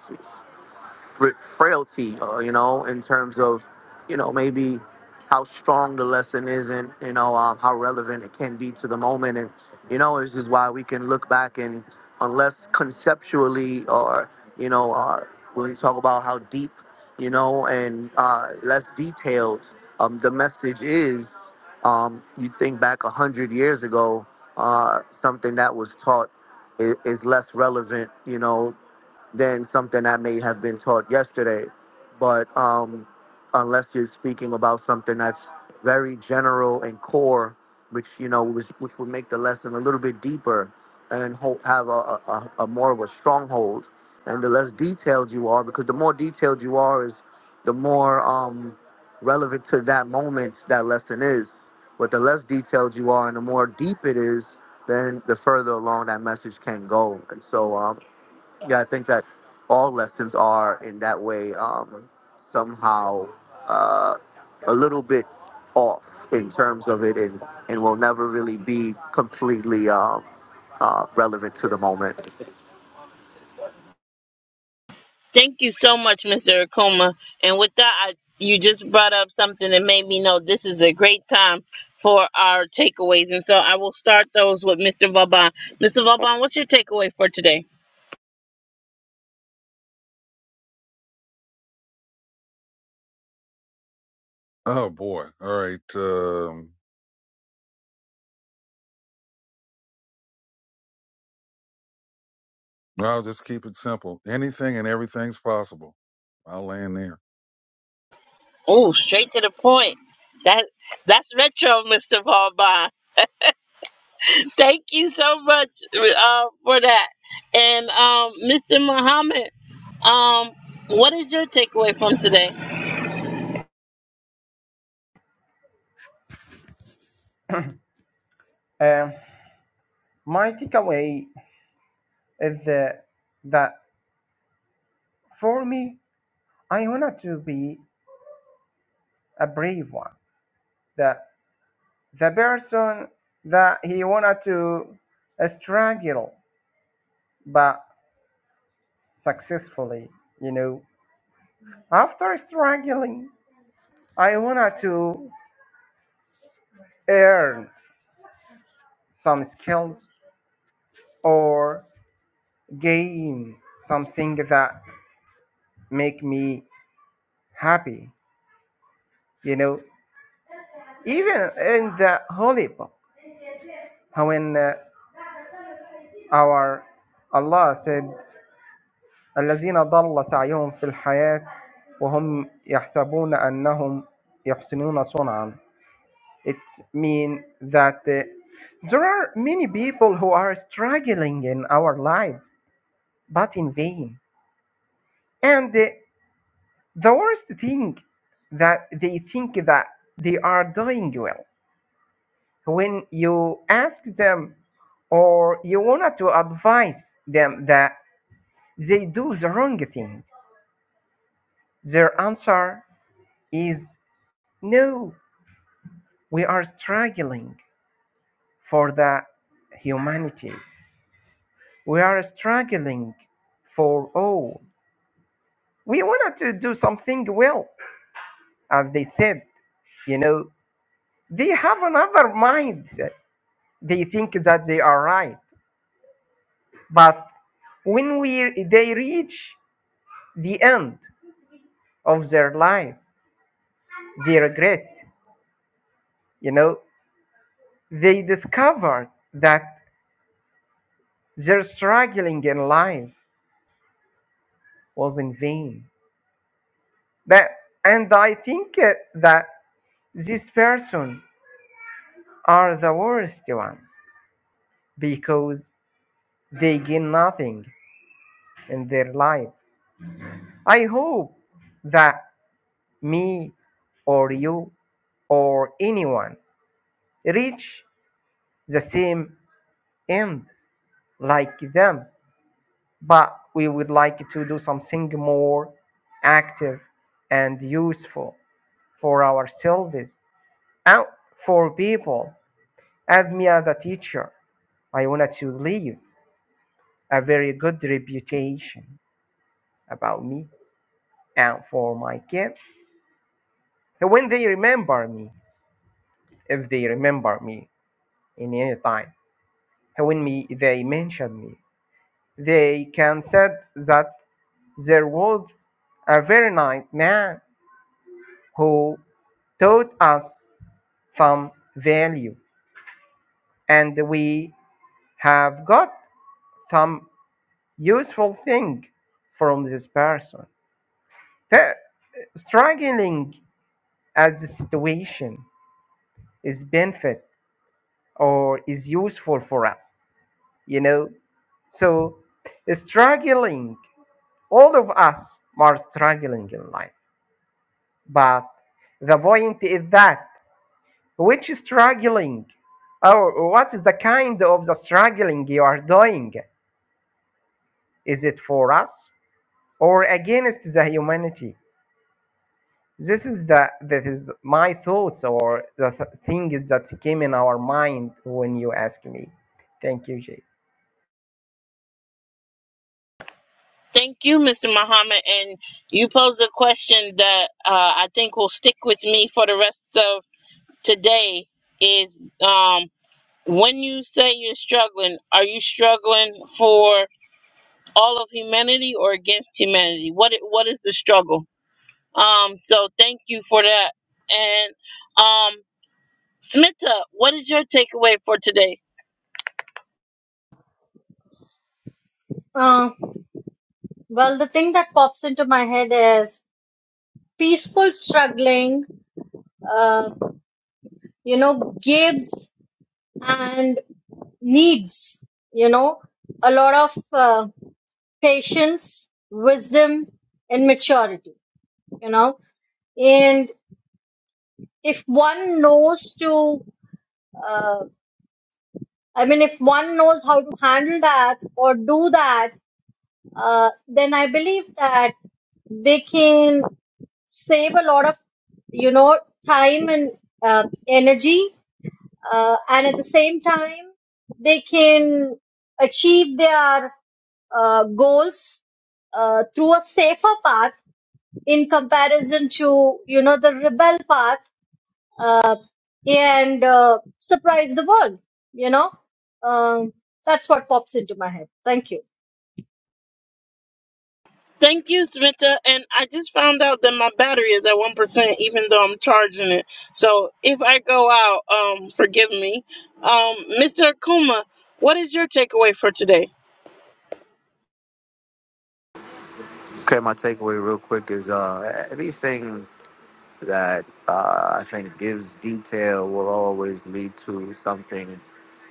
S6: fra- frailty, uh, you know, in terms of, you know, maybe how strong the lesson is and, you know, um, how relevant it can be to the moment. And, you know, it's just why we can look back and unless conceptually or, you know, uh, when we talk about how deep, you know, and uh, less detailed um, the message is, um, you think back a 100 years ago, uh, something that was taught is, is less relevant, you know, than something that may have been taught yesterday. But um, unless you're speaking about something that's very general and core, which you know, which, which would make the lesson a little bit deeper and ho- have a, a, a a more of a stronghold. And the less detailed you are, because the more detailed you are, is the more um, relevant to that moment that lesson is. But the less detailed you are, and the more deep it is, then the further along that message can go. And so, um, yeah, I think that all lessons are in that way um, somehow uh, a little bit off in terms of it, and and will never really be completely um, uh, relevant to the moment.
S1: Thank you so much, Mr. Akuma. And with that, I, you just brought up something that made me know this is a great time for our takeaways. And so I will start those with Mr. Vauban. Mr. Vauban, what's your takeaway for today?
S2: Oh boy. All right. Um, I'll just keep it simple. Anything and everything's possible. I'll land there.
S1: Oh, straight to the point. That that's retro, Mr. Vauban. Thank you so much uh, for that. And um, Mr. Muhammad, um, what is your takeaway from today?
S3: you. Um, my takeaway is uh, that For me, I wanted to be a brave one. The, the person that he wanted to struggle, but successfully, you know. After struggling, I wanted to earn some skills or gain something that make me happy, you know. Even in the Holy Book, when uh, our Allah said الذين ضل سعيهم في الحياة وهم يحسبون أنهم يحسنون صنعا It means that uh, there are many people who are struggling in our life, but in vain. And uh, the worst thing that they think that they are doing well. When you ask them or you want to advise them that they do the wrong thing, their answer is no, We are struggling for the humanity. We are struggling for all. We wanted to do something well, as they said. You know, they have another mindset. They think that they are right, but when we they reach the end of their life, they regret. You know, they discovered that their struggling in life was in vain But and I think uh, that these person are the worst ones because they gain nothing in their life. I hope that me or you or anyone reach the same end like them, but we would like to do something more active and useful for ourselves and for people. As me as teacher, I wanted to leave a very good reputation about me and for my kids. When they remember me, if they remember me in any time, when me, they mention me, they can said that there was a very nice man who taught us some value and we have got some useful thing from this person. The struggling as the situation is benefit or is useful for us you know so struggling all of us are struggling in life but the point is that which struggling or what is the kind of the struggling you are doing is it for us or against the humanity this is the that is my thoughts or the th- things that came in our mind when you asked me thank you jay
S1: Thank you, Mr. Muhammad. And you posed a question that uh, I think will stick with me for the rest of today is um, when you say you're struggling, are you struggling for all of humanity or against humanity? What i- what is the struggle? Um, so thank you for that. And um, Smita, what is your takeaway for today?
S4: Uh, well, the thing that pops into my head is peaceful struggling, uh, you know, gives and needs, you know, a lot of uh, patience, wisdom, and maturity, you know. And if one knows to, uh, I mean, if one knows how to handle that or do that, uh, then I believe that they can save a lot of, you know, time and uh, energy, uh, and at the same time, they can achieve their uh, goals uh, through a safer path in comparison to, you know, the rebel path uh, and uh, surprise the world. You know, um, that's what pops into my head. Thank you.
S1: Thank you, Smita. And I just found out that my battery is at one percent, even though I'm charging it. So if I go out, um, forgive me. Um, Mr. Akuma, what is your takeaway for today?
S6: Okay, my takeaway real quick is uh, anything that uh, I think gives detail will always lead to something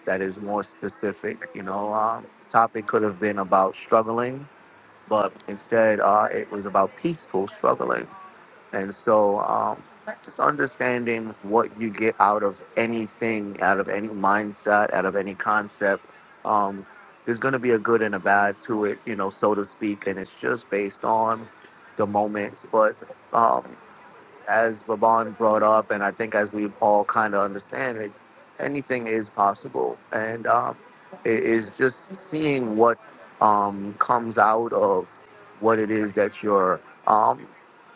S6: that is more specific. You know, um, topic could have been about struggling, but instead uh, it was about peaceful struggling And so, um, just understanding what you get out of anything, out of any mindset, out of any concept, um, there's going to be a good and a bad to it, you know, so to speak. And it's just based on the moment. But um, as Vaban brought up, and I think as we all kind of understand it, anything is possible. And um, it is just seeing what um, comes out of what it is that you're um,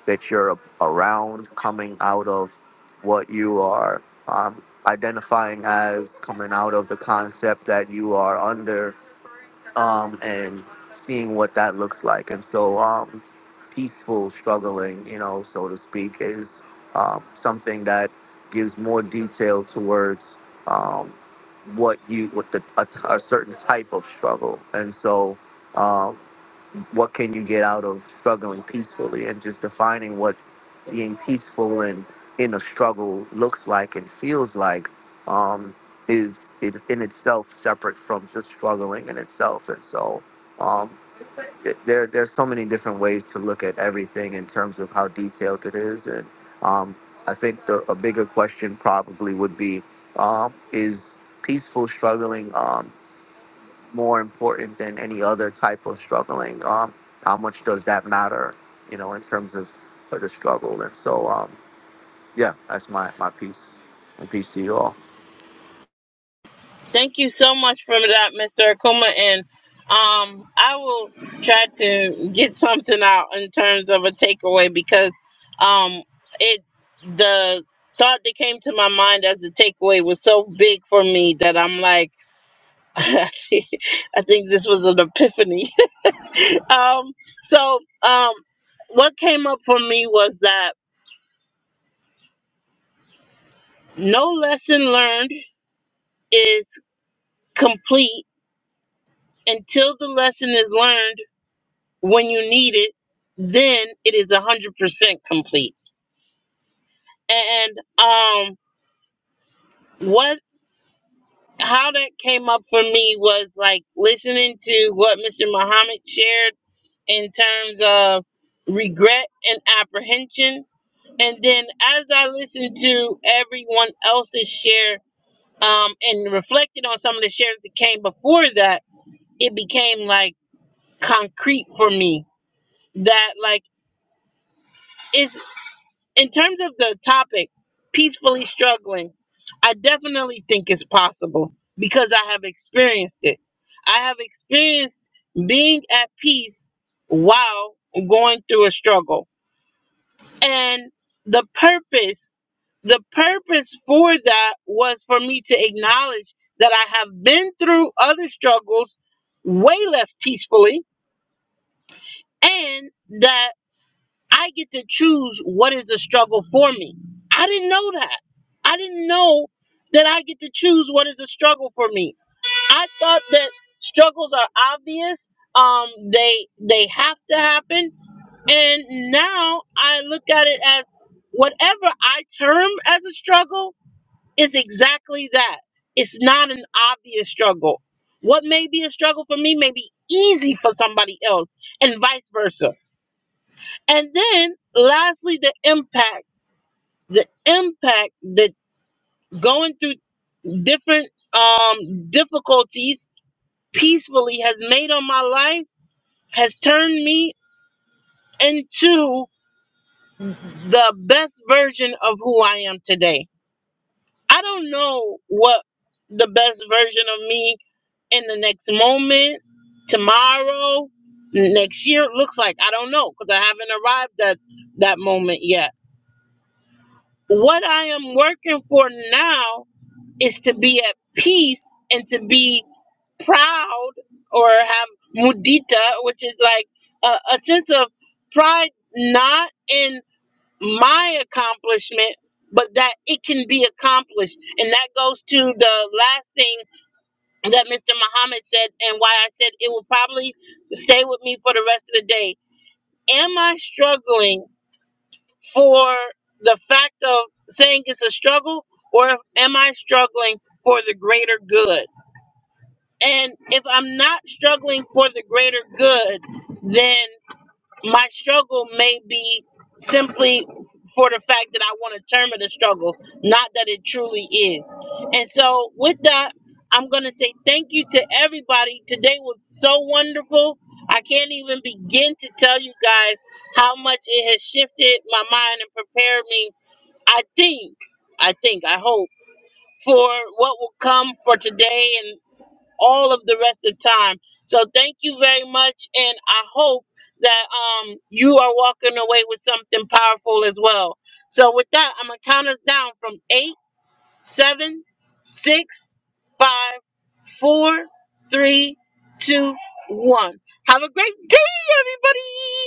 S6: that you're around, coming out of what you are um, identifying as, coming out of the concept that you are under um, and seeing what that looks like. And so, um, peaceful struggling, you know, so to speak, is um, something that gives more detail towards um, what you, what the a, a certain type of struggle. And so, um, what can you get out of struggling peacefully and just defining what being peaceful and in a struggle looks like and feels like um, is is in itself separate from just struggling in itself and so um, it- there there's so many different ways to look at everything in terms of how detailed it is and um, I think the, a bigger question probably would be um, is peaceful struggling Um, more important than any other type of struggling. Um, how much does that matter, you know, in terms of the struggle? And so, um, yeah, that's my, my piece. And peace to you all.
S1: Thank you so much for that, Mr. Akuma, and um, I will try to get something out in terms of a takeaway because um, it the thought that came to my mind as the takeaway was so big for me that I'm like. I think this was an epiphany. um, so, um, what came up for me was that no lesson learned is complete until the lesson is learned when you need it, then it is 100% complete. And um, what how that came up for me was like listening to what Mr. Muhammad shared in terms of regret and apprehension And then as I listened to everyone else's share um, and reflected on some of the shares that came before that, it became like concrete for me that like it's in terms of the topic, peacefully struggling, I definitely think it's possible because I have experienced it. I have experienced being at peace while going through a struggle And the purpose, the purpose for that was for me to acknowledge that I have been through other struggles way less peacefully and that I get to choose what is the struggle for me. I didn't know that. I didn't know that I get to choose what is the struggle for me. I thought that struggles are obvious. Um, they they have to happen and now I look at it as whatever I term as a struggle is exactly that. It's not an obvious struggle. What may be a struggle for me may be easy for somebody else, and vice versa. And then, lastly, the impact. The impact that going through different um, difficulties peacefully has made on my life has turned me into. the best version of who I am today. I don't know what the best version of me in the next moment, tomorrow, next year looks like. I don't know because I haven't arrived at that moment yet. What I am working for now is to be at peace and to be proud or have mudita, which is like a, a sense of pride, not in my accomplishment, but that it can be accomplished. And that goes to the last thing that Mr. Muhammad said, and why I said it will probably stay with me for the rest of the day. Am I struggling for the fact of saying it's a struggle, or am I struggling for the greater good? And if I'm not struggling for the greater good, then my struggle may be simply for the fact that I want to term it a struggle, not that it truly is. And so, with that, I'm going to say thank you to everybody. Today was so wonderful. I can't even begin to tell you guys how much it has shifted my mind and prepared me. I think, I think, I hope for what will come for today all of the rest of the time. So thank you very much, and I hope that um you are walking away with something powerful as well. So with that, I'm gonna count us down from eight, seven, six, five, four, three, two, one. Have a great day, everybody.